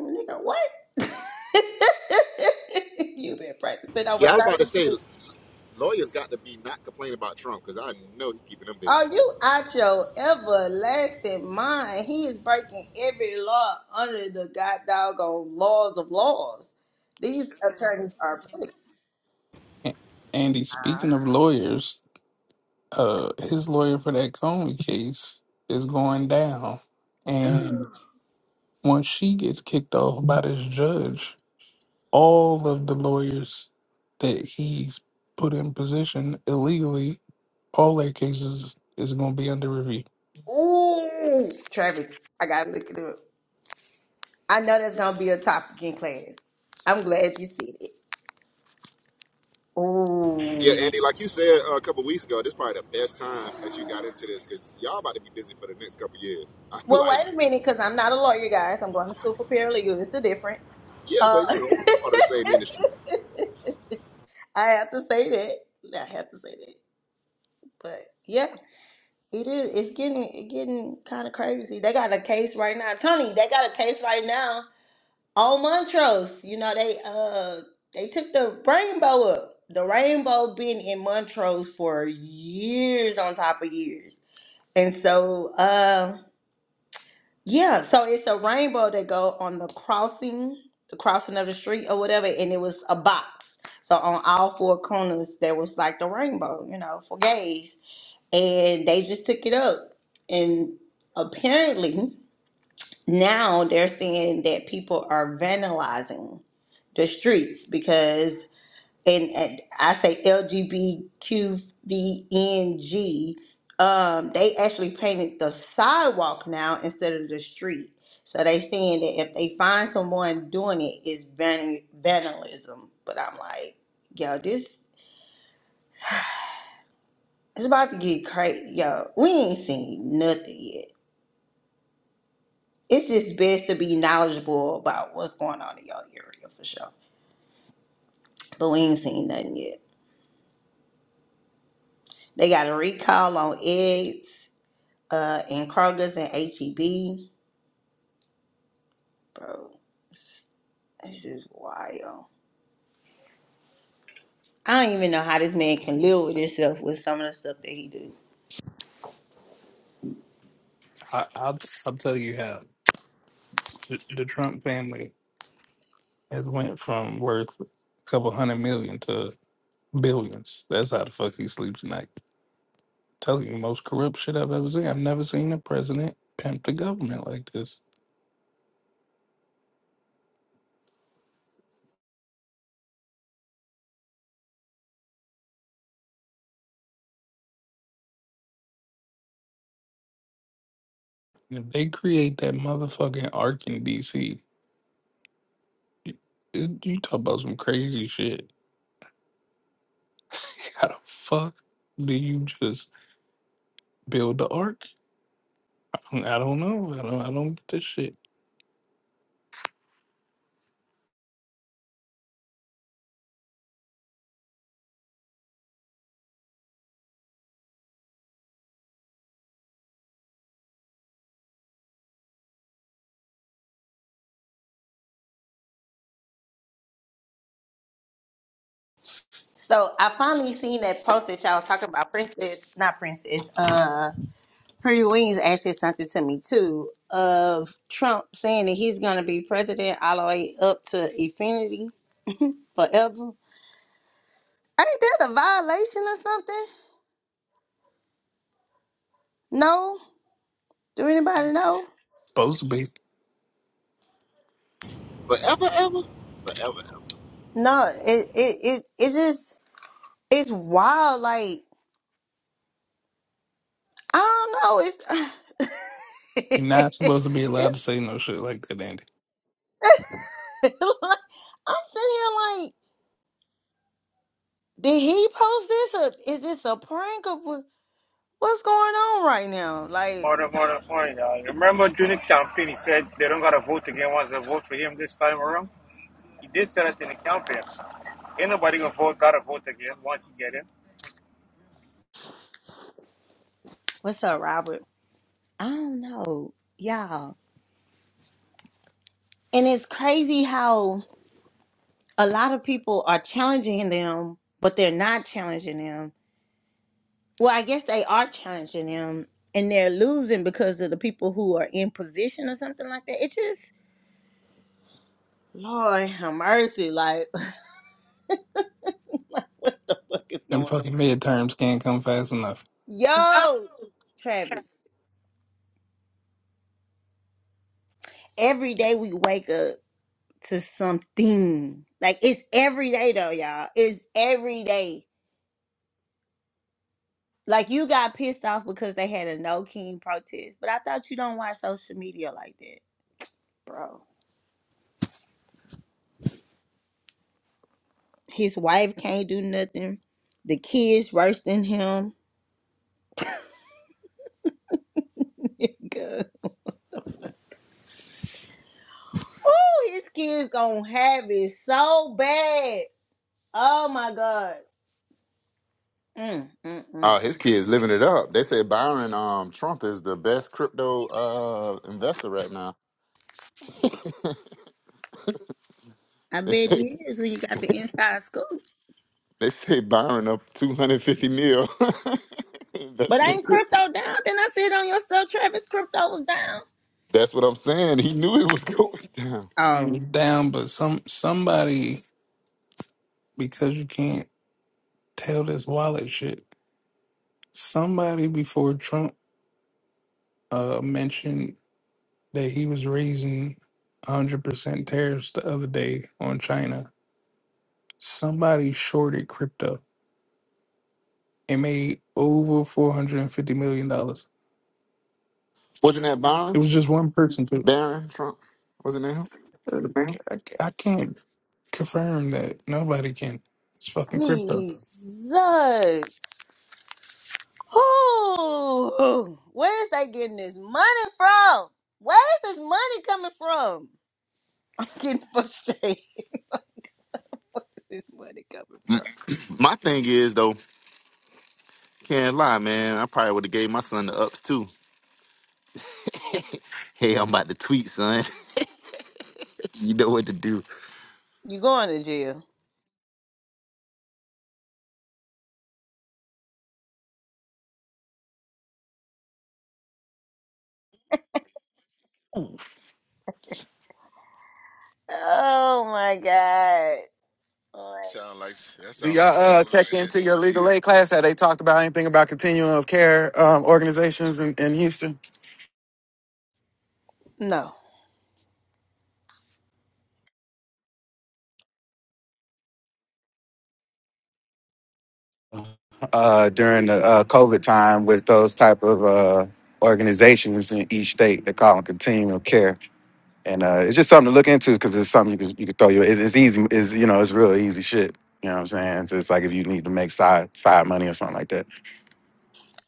Nigga, what? you been practicing Yeah, I over was about to 30 say years. lawyers got to be not complaining about Trump because I know he's keeping them busy. Are you out your everlasting mind? He is breaking every law under the god doggone laws of laws. These attorneys are petty. A- Andy, speaking of lawyers, uh, his lawyer for that Comey case is going down, and. Once she gets kicked off by this judge, all of the lawyers that he's put in position illegally, all their cases is going to be under review. Ooh, Travis, I gotta look it up. I know that's gonna be a topic in class. I'm glad you said it. Yeah, Ooh. Andy, like you said uh, a couple weeks ago, this is probably the best time that you got into this because y'all about to be busy for the next couple years. I'm Well, like, wait a minute, because I'm not a lawyer, guys. I'm going to school for paralegal. It's a difference. yeah, Uh, but you know, it's part of the same industry. I have to say that. I have to say that. But yeah, it is. It's getting it getting kind of crazy. They got a case right now, Tony. They got a case right now on Montrose. You know they uh they took the rainbow up. The rainbow been in Montrose for years on top of years, and so. uh. Yeah, so it's a rainbow that go on the crossing, the crossing of the street or whatever, and it was a box. So on all four corners there was like the rainbow, you know, for gays. And they just took it up. And apparently now they're saying that people are vandalizing the streets because and, and I say LGBTQVNG, um, they actually painted the sidewalk now instead of the street. So they saying that if they find someone doing it, it's van- vandalism. But I'm like, yo, this it's about to get crazy. Yo, we ain't seen nothing yet. It's just best to be knowledgeable about what's going on in your area for sure. But we ain't seen nothing yet. They got a recall on eggs uh, in Kroger's and HEB. Bro, this this is wild. I don't even know how this man can live with himself with some of the stuff that he do. I, I'll, I'll tell you how. The, the Trump family has went from worth a couple hundred million to billions. That's how the fuck he sleeps at night. Telling you, most corrupt shit I've ever seen. I've never seen a president pimp the government like this. If they create that motherfucking arc in D.C. You, you talk about some crazy shit. How the fuck do you just build the ark? I don't, I don't know. I don't. I don't get this shit. So I finally seen that post that y'all was talking about. Princess, not princess. Uh, Pretty Wings actually sent it to me too. Of Trump saying that he's gonna be president all the way up to infinity forever. Ain't that a violation or something? No. Do anybody know? Supposed to be. Forever, ever, forever, ever. No. It it it it just it's wild. Like I don't know. It's You're not supposed to be allowed to it's say no shit like that, Andy. like, I'm sitting here like, did he post this? Or is this a prank? Or wha- what's going on right now? Like, Point of point of point. Uh, remember during the campaign, he said they don't gotta vote again once they vote for him this time around. He did say that in the campaign. Ain't nobody gonna vote, gotta vote again once he get in. what's up, Robert? I don't know, y'all. And it's crazy how a lot of people are challenging them, but they're not challenging them. Well, I guess they are challenging them, and they're losing because of the people who are in position or something like that. It just Lord have mercy. Like, like what the fuck is Them going fucking on? midterms can't come fast enough. Yo, Travis. Every day we wake up to something. Like it's every day though, y'all. It's every day. Like you got pissed off because they had a no king protest. But I thought you don't watch social media like that, bro. His wife can't do nothing. The kids worse than him. Good. Oh, his kids gonna have it so bad. Oh my god. Mm, mm, mm. Oh, his kids living it up. They say Byron um, Trump is the best crypto uh, investor right now. I They bet say it is when you got the inside scoop. they say Byron up two hundred fifty mil But investment. ain't crypto down? Then I see it on yourself, Travis. Crypto was down. That's what I'm saying. He knew it was going down. And you Oh, down, but some somebody because you can't tell this wallet shit. Somebody before Trump uh, mentioned that he was raising 100% tariffs the other day on China Somebody shorted crypto and made over four hundred and fifty million dollars. Wasn't that Byron? It was just one person too. Barron Trump. What's his name? I, c- I can't confirm that. Nobody can. It's fucking crypto. Jesus. Who? Where's they getting this money from? Where's this money coming from? I'm getting frustrated. like, where's this money coming from? My thing is though, can't lie, man. I probably would have gave my son the ups too. Hey, I'm about to tweet, son. you know what to do. You going to jail? Oh my God. Like, Sound like that Do sound like y'all some uh, check bullshit. into your legal aid class? Had they talked about anything about continuum of care um, organizations in, in Houston No, uh, during the uh, COVID time with those type of uh, organizations in each state? They call them continuum of care, and uh, it's just something to look into because it's something you can you can throw your. It's, it's easy. It's you know it's real easy shit. You know what I'm saying? So it's like if you need to make side side money or something like that.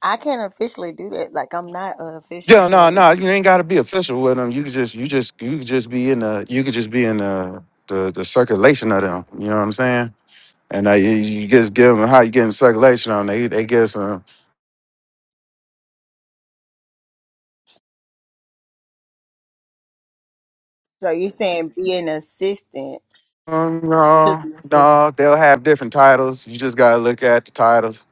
I can't officially do that. Like, I'm not an official Yeah, no, no, paralegal. you ain't got to be official with them. You could just you just you could just be in the you could just be in the the, the circulation of them. You know what I'm saying? And I, you just give them how you getting circulation on. They they give some. So you're saying be an assistant Um, to no, the assistant. no, they'll have different titles. You just gotta look at the titles.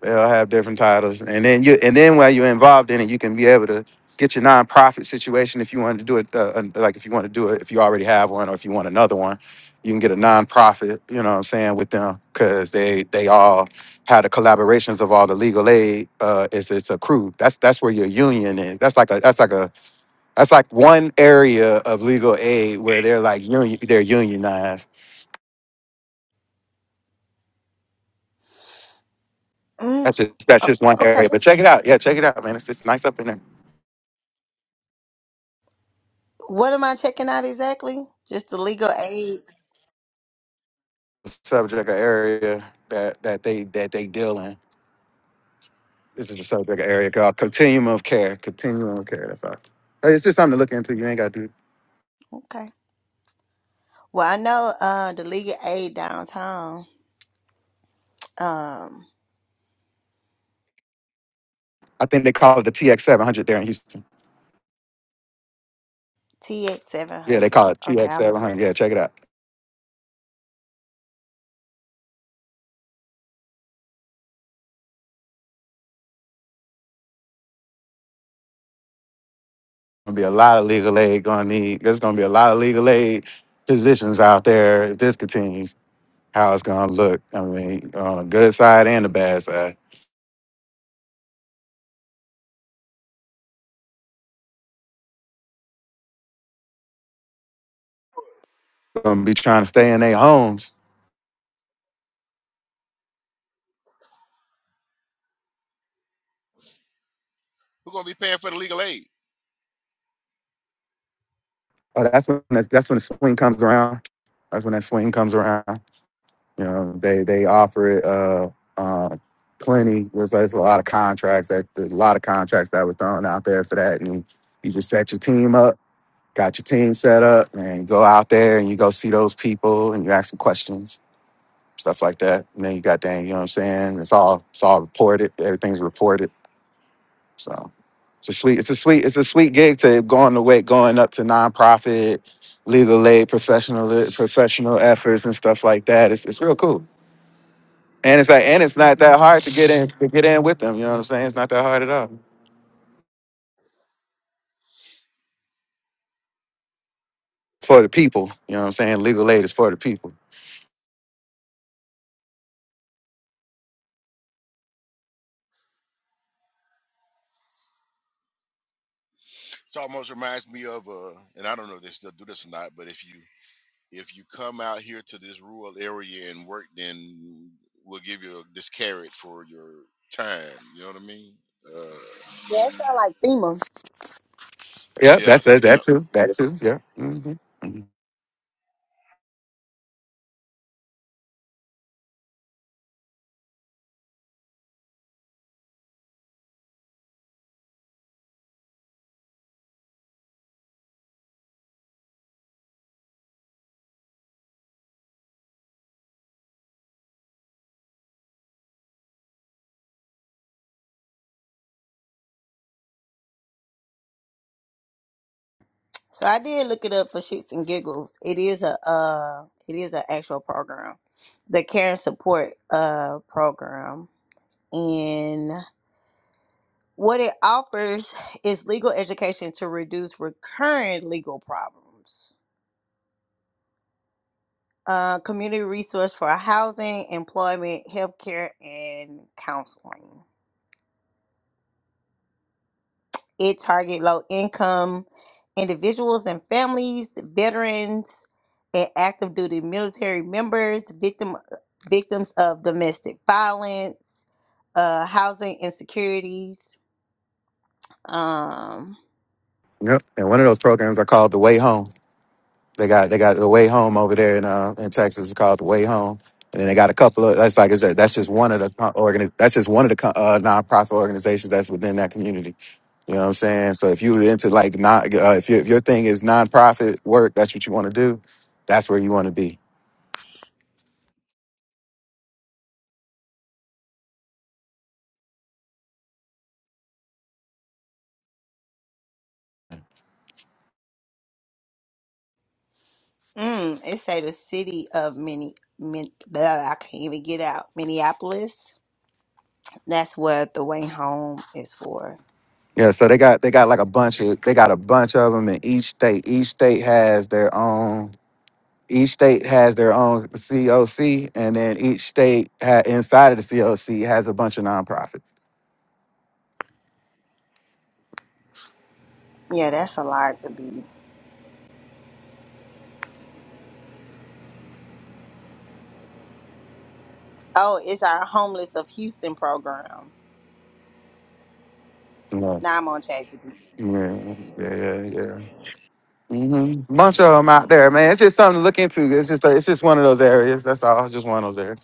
They'll have different titles, and then you and then while you're involved in it, you can be able to get your nonprofit situation if you want to do it. Uh, uh, like if you want to do it, if you already have one, or if you want another one, you can get a nonprofit. You know what I'm saying with them because they they all have the collaborations of all the legal aid. Uh, it's it's a crew. That's that's where your union is. That's like a that's like a That's like one area of legal aid where they're like union, they're unionized. Mm, That's just that's o- just one okay. area. But check it out. Yeah, check it out, man. It's just nice up in there. What am I checking out exactly? Just the legal aid. The subject of area that that they that they deal in. This is the subject of area called continuum of care. Continuum of care. That's all. Hey, It's just something to look into. You ain't got to do. Okay. Well, I know uh, the legal aid downtown, um, I think they call it the TX seven hundred there in Houston. TX Yeah, they 700. call it Okay, TX I'm a seven look. hundred. Yeah, check it out. Gonna be a lot of legal aid. Gonna need. There's gonna be a lot of legal aid positions out there if this continues. how it's gonna look. I mean, uh, good side and the bad side. Gonna be trying to stay in their homes. Who gonna be paying for the legal aid? Oh, that's when that's, that's when the swing comes around. That's when that swing comes around. You know, they they offer it uh, uh, plenty. There's, there's a lot of contracts that there's a lot of contracts that was thrown out there for that, and you just set your team up, got your team set up, and you go out there and you go see those people and you ask them questions. Stuff like that, and then you got that. You know what I'm saying? It's all it's all reported. Everything's reported So it's a sweet, it's a sweet, it's a sweet gig to going the way, going up to nonprofit, legal aid, professional professional efforts and stuff like that. It's it's real cool. And it's like, and it's not that hard to get in to get in with them. You know what I'm saying? It's not that hard at all for the people. You know what I'm saying? Legal aid is for the people. It almost reminds me of uh, and I don't know if they still do this or not, but if you if you come out here to this rural area and work, then we'll give you this carrot for your time. You know what I mean? Uh, Yeah, that sound like FEMA. Yeah, yeah, that's that's yeah. that too. That too. Yeah. hmm So I did look it up for shits and giggles. It is a uh, it is an actual program, the care and support uh program, What it offers is legal education to reduce recurrent legal problems, uh, community resource for housing, employment, healthcare, and counseling. It target low income individuals and families, veterans, and active duty military members, victim victims of domestic violence, uh, housing insecurities. Um, Yep. And one of those programs I called the Way Home. They got they got the way home over there in uh in Texas. It's called the way home, and then they got a couple of that's like I said. That's just one of the co- organi- That's just one of the co- uh, nonprofit organizations that's within that community. You know what I'm saying? So if you're into like not uh, if you, if your thing is nonprofit work, that's what you want to do. That's where you want to be. Mm, it say the city of Minne, Min, blah, I can't even get out. Minneapolis. That's what the way home is for. Yeah. So they got they got like a bunch of they got a bunch of them in each state. Each state has their own. each state has their own COC, and then each state ha- inside of the COC has a bunch of nonprofits. Yeah, that's a lot to be. Oh, it's our homeless of Houston program. Yeah, Now I'm on ChatGPT. yeah, yeah, yeah. hmm Bunch of them out there, man. It's just something to look into. It's just it's just one of those areas. That's all. Just one of those areas.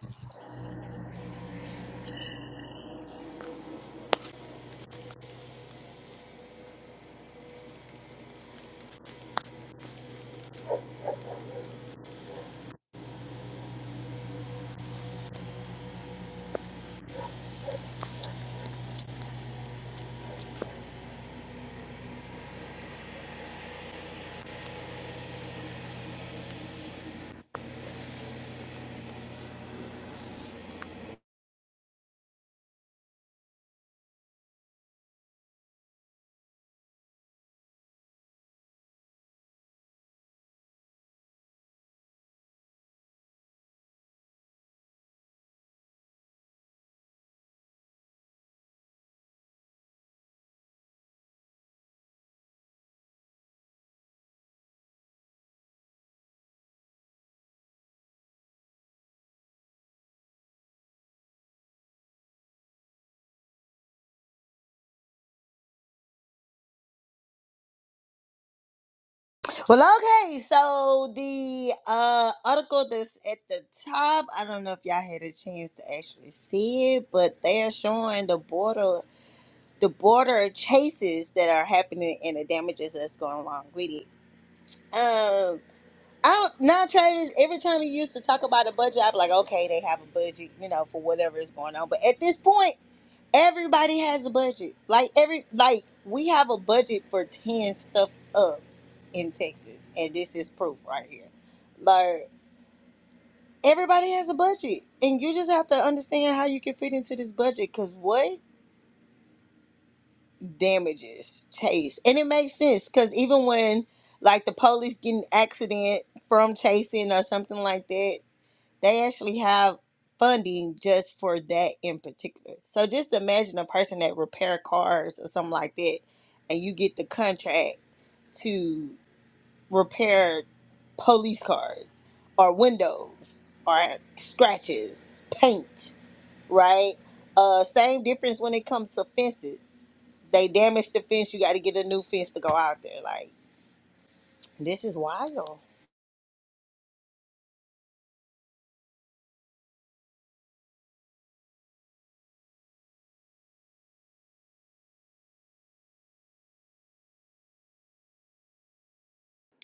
Well, okay. So the uh article that's at the top, I don't know if y'all had a chance to actually see it, but they are showing the border, the border chases that are happening and the damages that's going along with it. Um, I not Travis. Every time he used to talk about a budget, I'd be like, okay, they have a budget, you know, for whatever is going on. But at this point, everybody has a budget. Like every like we have a budget for ten stuff up in Texas, and this is proof right here. Like everybody has a budget, and you just have to understand how you can fit into this budget. Cause what damages Chase, and it makes sense. Cause even when like the police get an accident from chasing or something like that they actually have funding just for that in particular. So just imagine a person that repair cars or something like that, and you get the contract to repair police cars or windows or scratches, paint, right? Uh, same difference when it comes to fences. They damage the fence, you got to get a new fence to go out there. Like this is wild.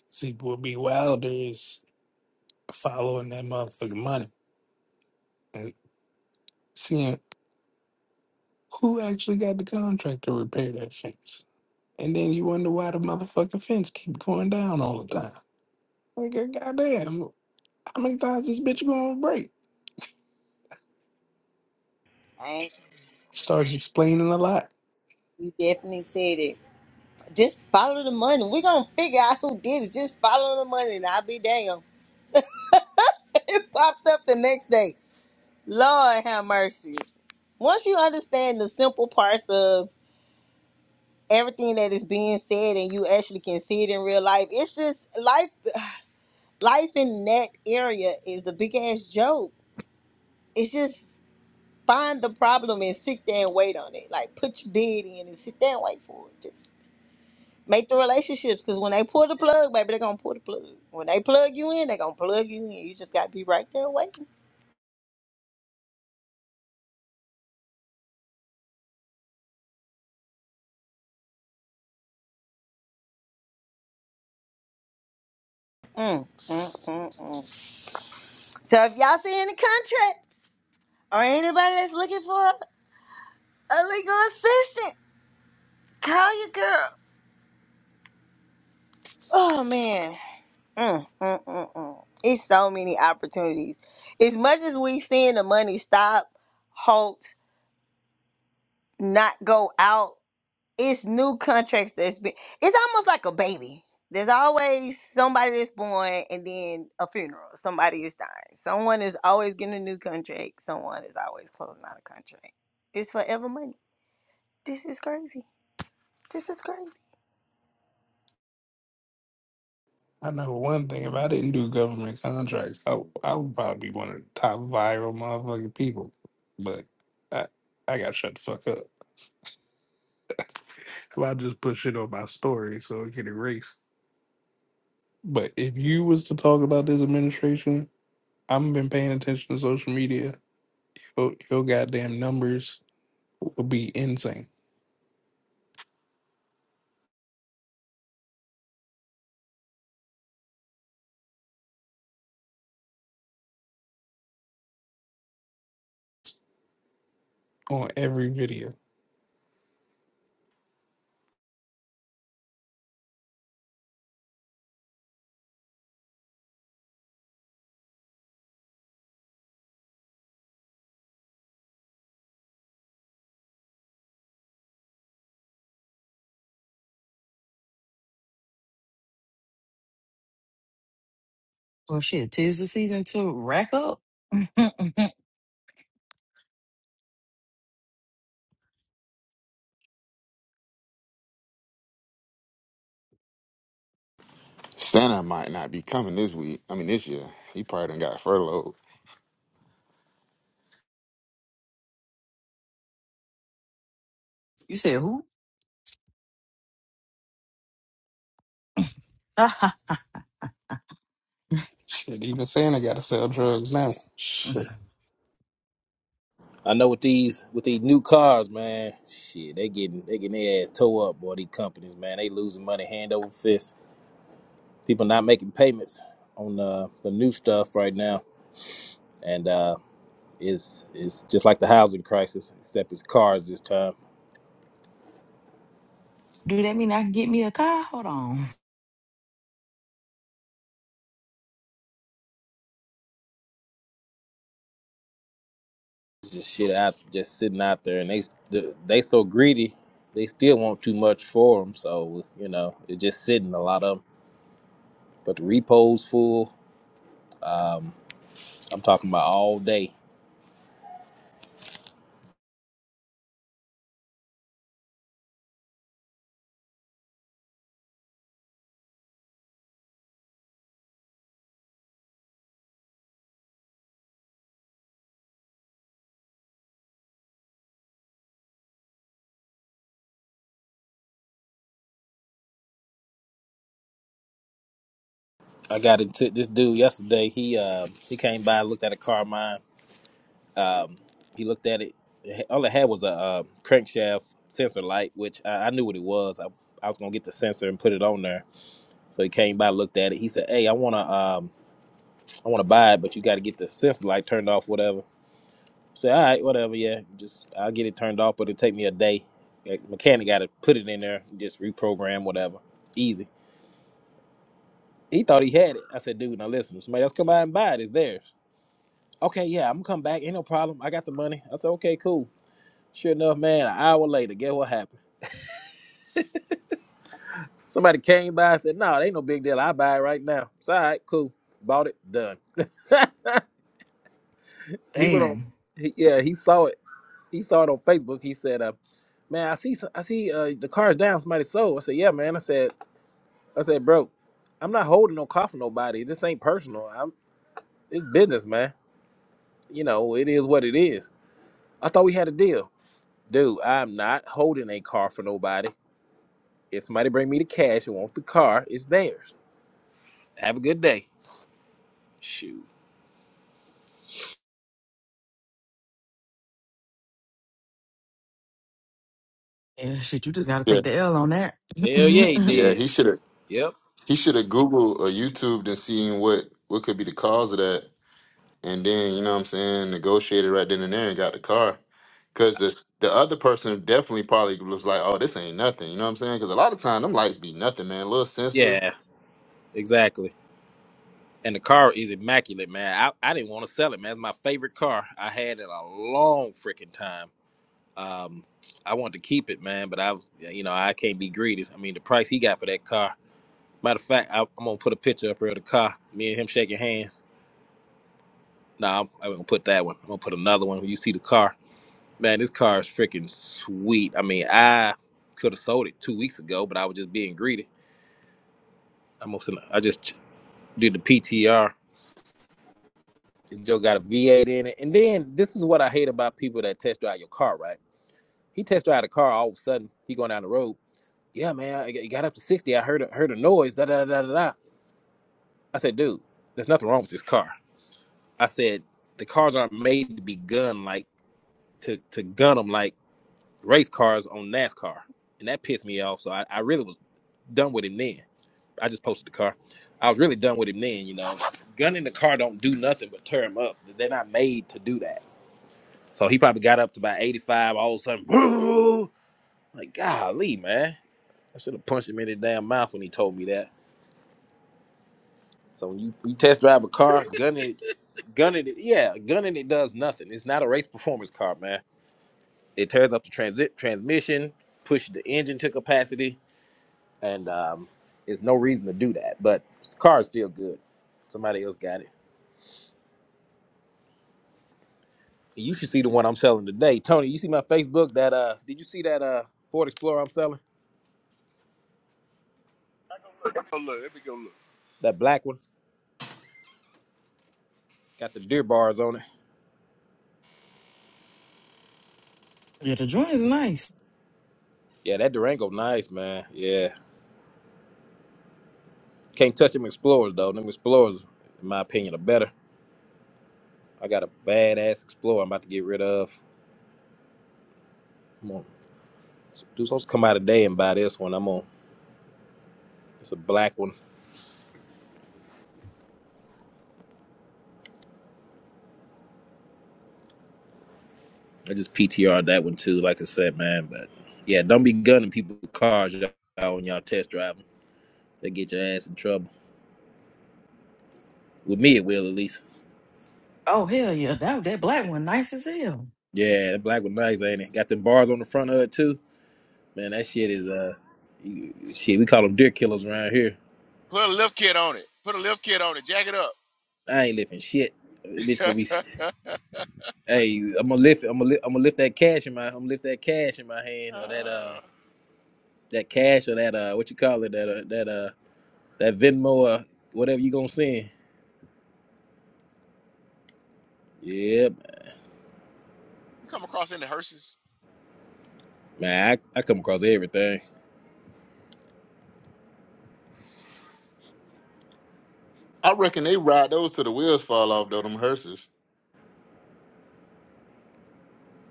See, will be Wilder is following that motherfucking money and seeing who actually got the contract to repair that fence. And then you wonder why the motherfucking fence keep going down all the time. Like, goddamn, how many times this bitch gonna break? I ain't- Starts explaining a lot. You definitely said it. Just follow the money. We're gonna figure out who did it. Just follow the money and I'll be damned. It popped up the next day. Lord have mercy. Once you understand the simple parts of everything that is being said and you actually can see it in real life, it's just life life in that area is a big ass joke. It's just find the problem and sit there and wait on it. Like put your bid in and sit there and wait for it. Make the relationships because when they pull the plug, baby, they're gonna pull the plug. When they plug you in, they're gonna plug you in. You just gotta be right there waiting. Mm, mm, mm, mm. So if y'all see any contracts or anybody that's looking for a legal assistant, call your girl. Oh man. Mm, mm, mm, mm. It's so many opportunities. As much as we seeing the money stop, halt, not go out. it's new contracts that's been it's almost like a baby there's always somebody that's born and then a funeral somebody is dying someone is always getting a new contract someone is always closing out a contract it's forever money this is crazy this is crazy I know one thing. If I didn't do government contracts, I, I would probably be one of the top viral motherfucking people. But I I got shut the fuck up. So I just put shit on my story so it get erased. But if you was to talk about this administration, I've been paying attention to social media. Your, your goddamn numbers will be insane on every video. Well, shit, tis the season to rack up. Santa might not be coming this week. I mean this year. He probably done got furloughed. you said who? Shit, even Santa got to sell drugs now. Shit. I know with these with these new cars, man. Shit, they getting they getting their ass towed up, boy. These companies, man, they losing money hand over fist. People not making payments on uh, the new stuff right now, and uh, it's it's just like the housing crisis, except it's cars this time. Do that mean I can get me a car? Hold on. just shit out, just sitting out there, and they they so greedy, they still want too much for them. So you know, it's just sitting a lot of them. But the repo's full. I'm talking about all day. I got into this dude yesterday. He uh, he came by, looked at a car of mine. Um, he looked at it. All it had was a, uh crankshaft sensor light, which I, I knew what it was. I, I was gonna get the sensor and put it on there. So he came by, looked at it. He said, "Hey, I wanna um, I wanna buy it, but you got to get the sensor light turned off, whatever." Say, all right, whatever, yeah, just I'll get it turned off, but it'll take me a day. Like, mechanic got to put it in there, just reprogram, whatever. Easy. He thought he had it. I said, dude, now listen, if somebody else come by and buy it, it's theirs. Okay, yeah, I'm gonna come back. Ain't no problem. I got the money. I said, okay, cool. Sure enough, man, an hour later, guess what happened? Somebody came by and said, no, it ain't no big deal. I buy it right now. It's all right, cool. Bought it, done. he went on, Damn. he, yeah, he saw it. He saw it on Facebook. He said, uh, man, I see, some- I see uh, the car's down. Somebody sold. I said, yeah, man. I said, I said, bro, I'm not holding no car for nobody. This ain't personal. I'm it's business, man. You know, it is what it is. I thought we had a deal. Dude, I'm not holding a car for nobody. If somebody bring me the cash and want the car, it's theirs. Have a good day. Shoot. Yeah, shit, you just gotta Yeah. take the L on that. Hell yeah, yeah, he Yeah, did. he should have Yep. he should have Googled or YouTube and seen what what could be the cause of that. And then, you know what I'm saying, negotiated right then and there and got the car. Cause this the other person definitely probably was like, Oh, this ain't nothing. You know what I'm saying? Cause a lot of time them lights be nothing, man. little sensor. Yeah, exactly. And the car is immaculate, man. I, I didn't want to sell it, man. It's my favorite car. I had it a long freaking time. Um, I wanted to keep it, man, but I was, you know, I can't be greedy. I mean, the price he got for that car Matter of fact, I, I'm gonna put a picture up here of the car. Me and him shaking hands. Nah, I'm, I'm gonna put that one. I'm gonna put another one. When you see the car, man, this car is freaking sweet. I mean, I could have sold it two weeks ago, but I was just being greedy. I'm going I just ch- did the PTR. This Joe got a V8 in it, and then this is what I hate about people that test drive your car. Right? He test drive the car. All of a sudden, he going down the road. Yeah, man, I- it got up to 60. I heard a, heard a noise. Da da da da da. da." I said, dude, there's nothing wrong with this car. I said the cars aren't made to be gunned like to to gun them like race cars on NASCAR, and that pissed me off. So I, I really was done with him then. I just posted the car. I was really done with him then. You know, gunning the car don't do nothing but tear him up. They're not made to do that. So he probably got up to about eighty five. All of a sudden, boo! Like golly, man, I should have punched him in his damn mouth when he told me that. So when you, you test drive a car, gunning it, gunning it, yeah, gunning it does nothing. It's not a race performance car, man It tears up the transit transmission, pushes the engine to capacity, and um, there's no reason to do that. But the car is still good. Somebody else got it. You should see the one I'm selling today, Tony. You see my Facebook? That uh, did you see that uh Ford Explorer I'm selling? Oh, look, let me go look. That black one got the deer bars on it. the joint is nice. Yeah, that Durango, nice man. Yeah, can't touch them Explorers though. Them Explorers, in my opinion, are better. I got a badass Explorer I'm about to get rid of. Come on, so dudes supposed to come out today and buy this one. I'm on. It's a black one. I just PTR'd that one too, like I said, man. But yeah, don't be gunning people cars out on y'all test driving. They get your ass in trouble. With me, it will at least. Oh hell yeah, that that black one nice as hell. Yeah, that black one nice, ain't it? Got them bars on the front of it too. Man, that shit is uh, you- shit. We call them deer killers around here. Put a lift kit on it. Put a lift kit on it. Jack it I ain't lifting shit. Bitch, gonna be. up. Hey, I'm gonna lift. I'm gonna. Li- I'm gonna lift that cash in my. I'm gonna lift that cash in my hand or that uh, um that cash or that uh what you call it that uh, that uh that Venmo or whatever you gonna send. Yep. You come across any hearses? Man, I, I come across everything. I reckon they ride those till the wheels fall off though, them hearses.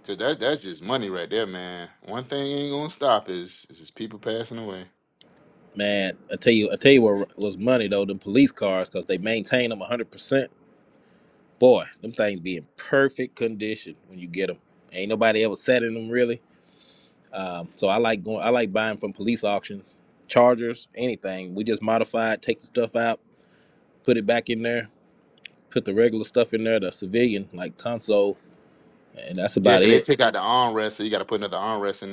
Cause that's that's just money right there, man. One thing ain't gonna stop is is just people passing away. Man, I tell you, I tell you what was money though, the police cars, cause they maintain them 100. percent Boy, them things be in perfect condition when you get them. Ain't nobody ever sat in them really. Um, so I like going, I like buying from police auctions, chargers, anything. We just modify it, take the stuff out, put it back in there, put the regular stuff in there, the civilian like console, and that's Yeah, about cause they it. take out the armrest, so you gotta put another armrest in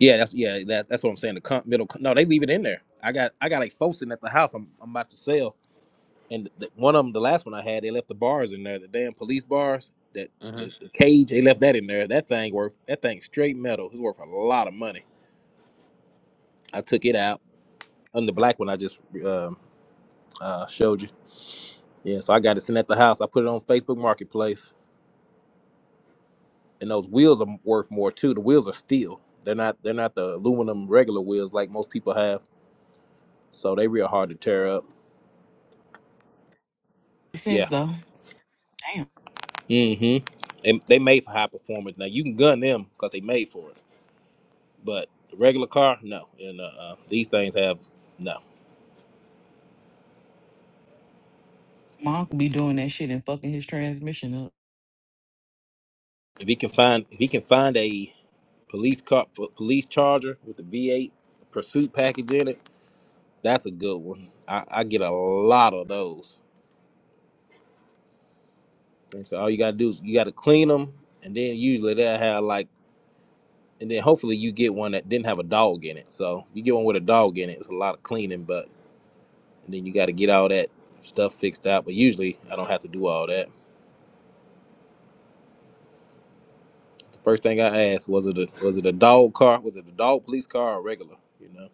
Yeah, that's yeah, that, that's what I'm saying. The con- middle, con- no, they leave it in there. I got I got like Fosin at the house. I'm I'm about to sell. And the, one of them, the last one I had, they left the bars in there, the damn police bars, that there. the, the cage, they left that in there. That thing worth that thing straight metal. It's worth a lot of money. I took it out. And the black one I just um, uh, showed you. Yeah, so I got it sitting at the house. I put it on Facebook Marketplace, and those wheels are worth more too. The wheels are steel. They're not they're not the aluminum regular wheels like most people have. So they real hard to tear up. Makes Yeah. sense though. Damn, Mm-hmm. And they made for high performance. Now you can gun them because they made for it But the regular car, no. And uh, uh, these things have no. my uncle be doing that shit and fucking his transmission up. If he can find, if he can find a police car, p- police charger with the V8 pursuit package in it, that's a good one. I, I get a lot of those. And so all you gotta do is you gotta clean them, and then usually they'll have like, and then hopefully you get one that didn't have a dog in it. So you get one with a dog in it, it's a lot of cleaning, but and then you gotta get all that stuff fixed out. But usually I don't have to do all that. First thing I asked was it a was it a dog car? Was it a dog police car or regular? You know.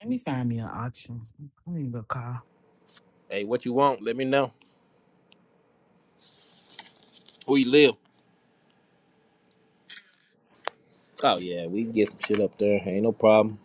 Let me find me an auction. I need a car. Hey, what you want? Let me know. Where you live. Oh yeah, we can get some shit up there. Ain't no problem.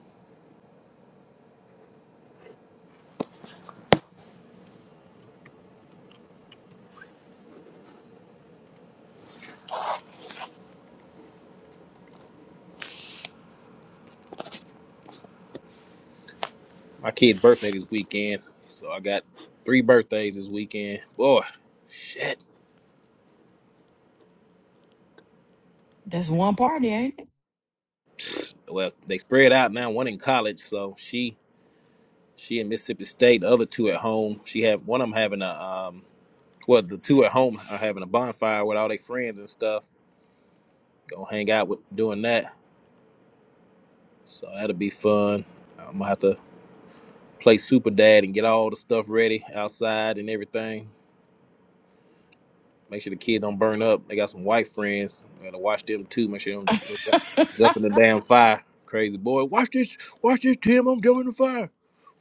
My kid's birthday this weekend, so I got three birthdays this weekend. Boy, shit. That's one party, ain't it? Well, they spread out now. One in college, so she she in Mississippi State. The other two at home. She have one of them having a um. Well, the two at home are having a bonfire with all their friends and stuff. Gonna hang out with doing that. So that'll be fun. I'm gonna have to play super dad and get all the stuff ready outside and everything. Make sure the kid don't burn up. They got some white friends. I Gotta watch them too. Make sure they don't go ju- jump in the damn fire. Crazy boy, watch this, watch this, Tim. I'm jumping in the fire.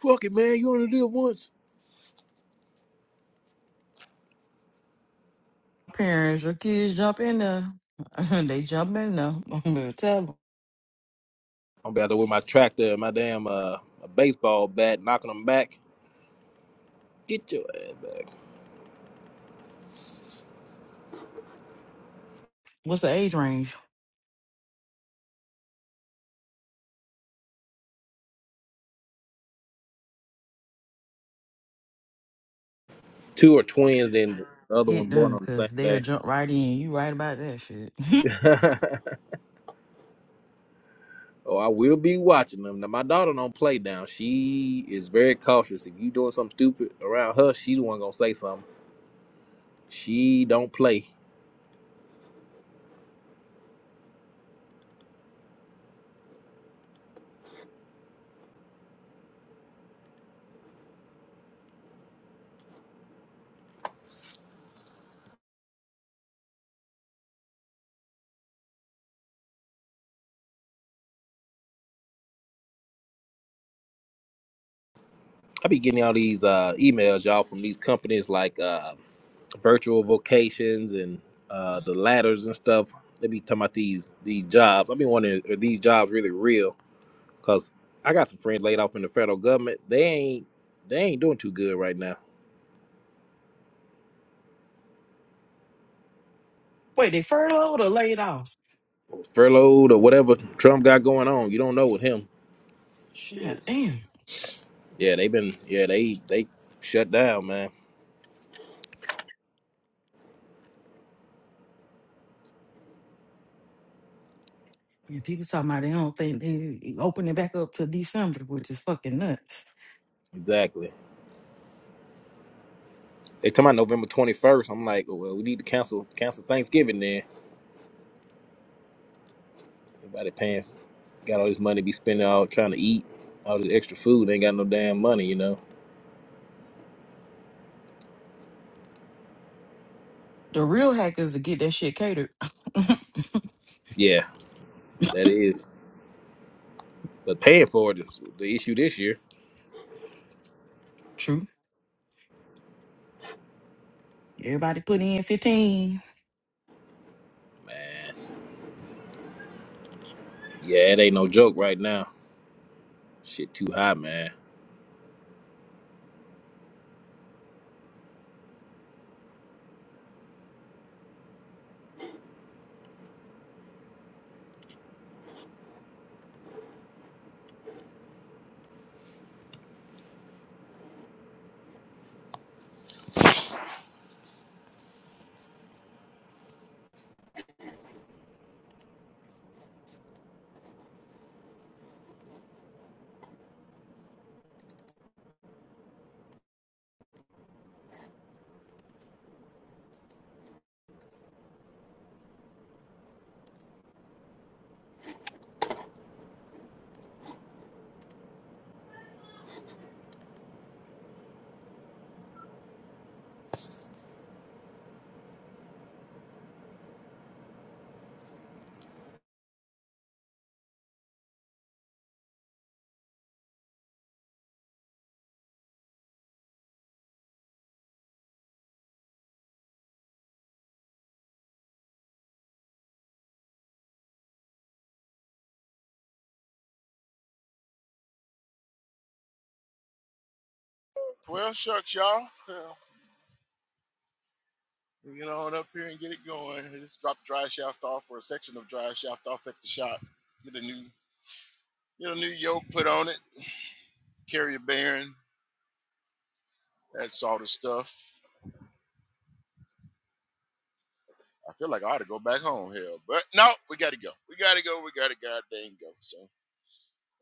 Fuck it, man. You only live once. Parents, your kids jump in there. they jump in there. I'm gonna tell them. I'm about to with my tractor and my damn uh a baseball bat, knocking them back. Get your ass back. What's the age range? Two are twins, then the other one Hit born them, on the cause same they'll jump right in. You right about that shit. day. Oh, I will be watching them. Now my daughter don't play down. She is very cautious. If you doing something stupid around her, she the one gonna say something. She don't play. I be getting all these uh, emails, y'all, from these companies like uh, virtual vocations and uh, the ladders and stuff. They be talking about these these jobs. I be wondering are these jobs really real? Cause I got some friends laid off in the federal government. They ain't they ain't doing too good right now. Wait, they furloughed or laid off? Furloughed or whatever Trump got going on. You don't know with him. God damn. Yeah, they been yeah, they they shut down, man. And people talking about they don't think they open it back up to December, which is fucking nuts. Exactly. They talking about November twenty first. I'm like, well, we need to cancel cancel Thanksgiving then. Everybody paying got all this money to be spending out trying to eat all this extra food. They ain't got no damn money, you know. The real hack is to get that shit catered. Yeah, that is. But paying for it is the issue this year, True. Everybody put in fifteen. man. Yeah, it ain't no joke right now. Shit too high, man. Well, shucks, y'all. Well, we get on up here and get it going. We just drop the dry shaft off or a section of dry shaft off at the shop. Get a new get a new yoke put on it. Carrier bearing, that sort of stuff. I feel like I ought to go back home, hell, but no, we gotta go. We gotta go. We gotta goddamn go. So,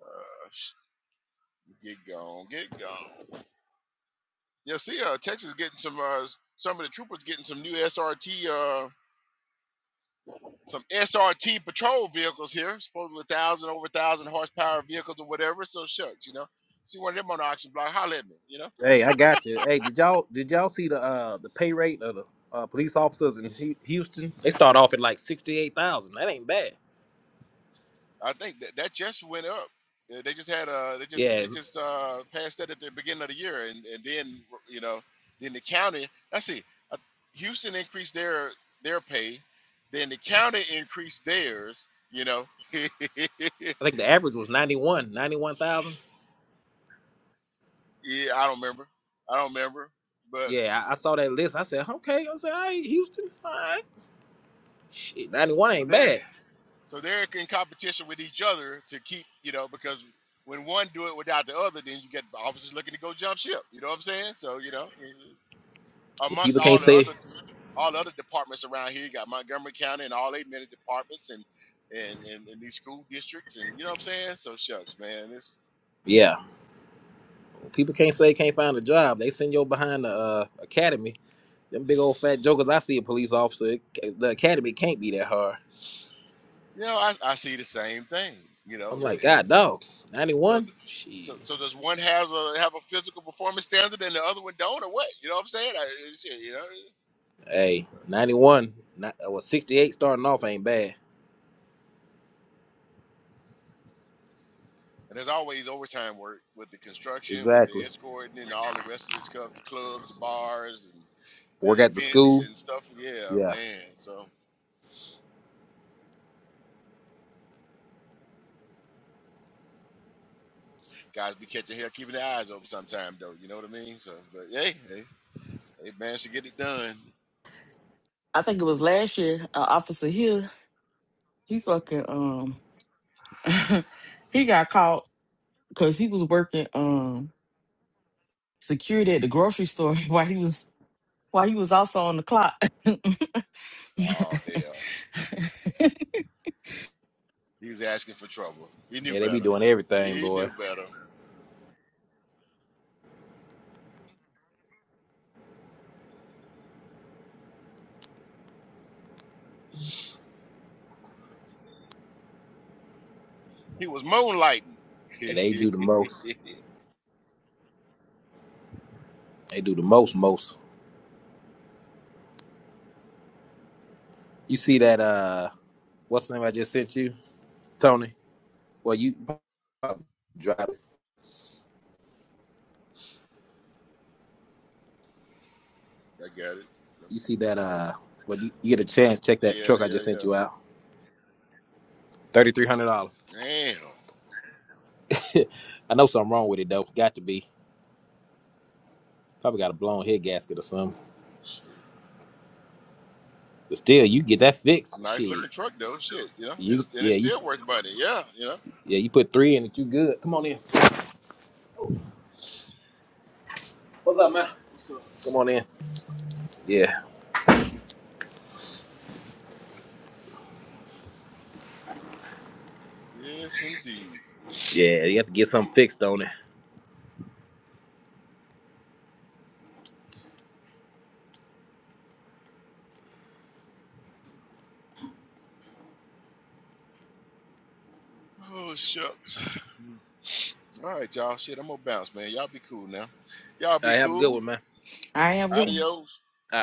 uh, get gone, get gone. Yeah, see, uh, Texas getting some. Uh, some of the troopers getting some new SRT. Uh, some SRT patrol vehicles here, supposedly thousand over thousand horsepower vehicles or whatever. So shucks, you know, see one of them on the auction block, Holler at me. You know, Hey, I got you. Hey, did y'all did y'all see the uh the pay rate of the uh, police officers in Hu- Houston? They start off at like sixty eight thousand. That ain't bad. I think that that just went up. Uh, They just had uh they just Yeah, they just uh passed that at the beginning of the year, and and then you know then the county. Let's see, uh, Houston increased their their pay, then the county increased theirs. You know, yeah, I think the average was 91, 91,000. I don't remember, I don't remember, but Yeah, I, I saw that list. I said, okay. I said, all right, Houston, all right. Shit, 91 so ain't there. bad. So they're in competition with each other to keep, you know, because when one do it without the other, then you get officers looking to go jump ship. You know what I'm saying? So you know, uh, Well, amongst people can't all the say, other all the other departments around here, you got Montgomery County and all eight many departments and and, and and these school districts and you know what I'm saying? So shucks, man, it's yeah. Well, people can't say can't find a job. They send you behind the uh, academy. Them big old fat jokers, I see a police officer. it the academy can't be that hard. you know I, I see the same thing. You I'm know, and, like, and God, dog, so. 91? Shit. so, so does one have a have a physical performance standard and the other one don't, or what? You know what I'm saying? I, shit, you know. Hey, 91, not, well, 68 starting off ain't bad. And there's always overtime work with the construction, with the Exactly. escorting, and all the rest of this stuff the clubs, the bars, and the Work at the events school? and stuff. Yeah, Yeah. man. So, guys be catching hell, keeping their eyes open sometime, though. You know what I mean? So, but hey, hey, hey man, should get it done. I think it was last year. Uh, Officer Hill, he fucking um, he got caught because he was working um security at the grocery store while he was while he was also on the clock. Oh, hell. He was asking for trouble. He knew Yeah, they be better. doing everything, He boy. knew better. He was moonlighting. And they I do the most. They do the most, most. You see that? Uh, what's the name I just sent you, Tony? Well, you probably drive it. got it. You see that? Uh, when you, you get a chance, check that Yeah, truck I yeah, just yeah. sent you out. Thirty three hundred dollars. Damn. I know something wrong with it though. Got to be. Probably got a blown head gasket or something. Shit. But still, you get that It's a fixed. nice Shit, looking truck though. Shit, you know, you it's and yeah it's you still worth money. Yeah, you know. yeah you put three in it. You good? Come on in. What's up, man? What's up? Come on in. Yeah, Yes, indeed. yeah. You have to get something fixed, on it? Oh shucks. alright you All right, y'all. Shit, I'm gonna bounce, man. Y'all be cool now. Y'all All be right, have a good cool. one, man. I am good. One. Adios. All right.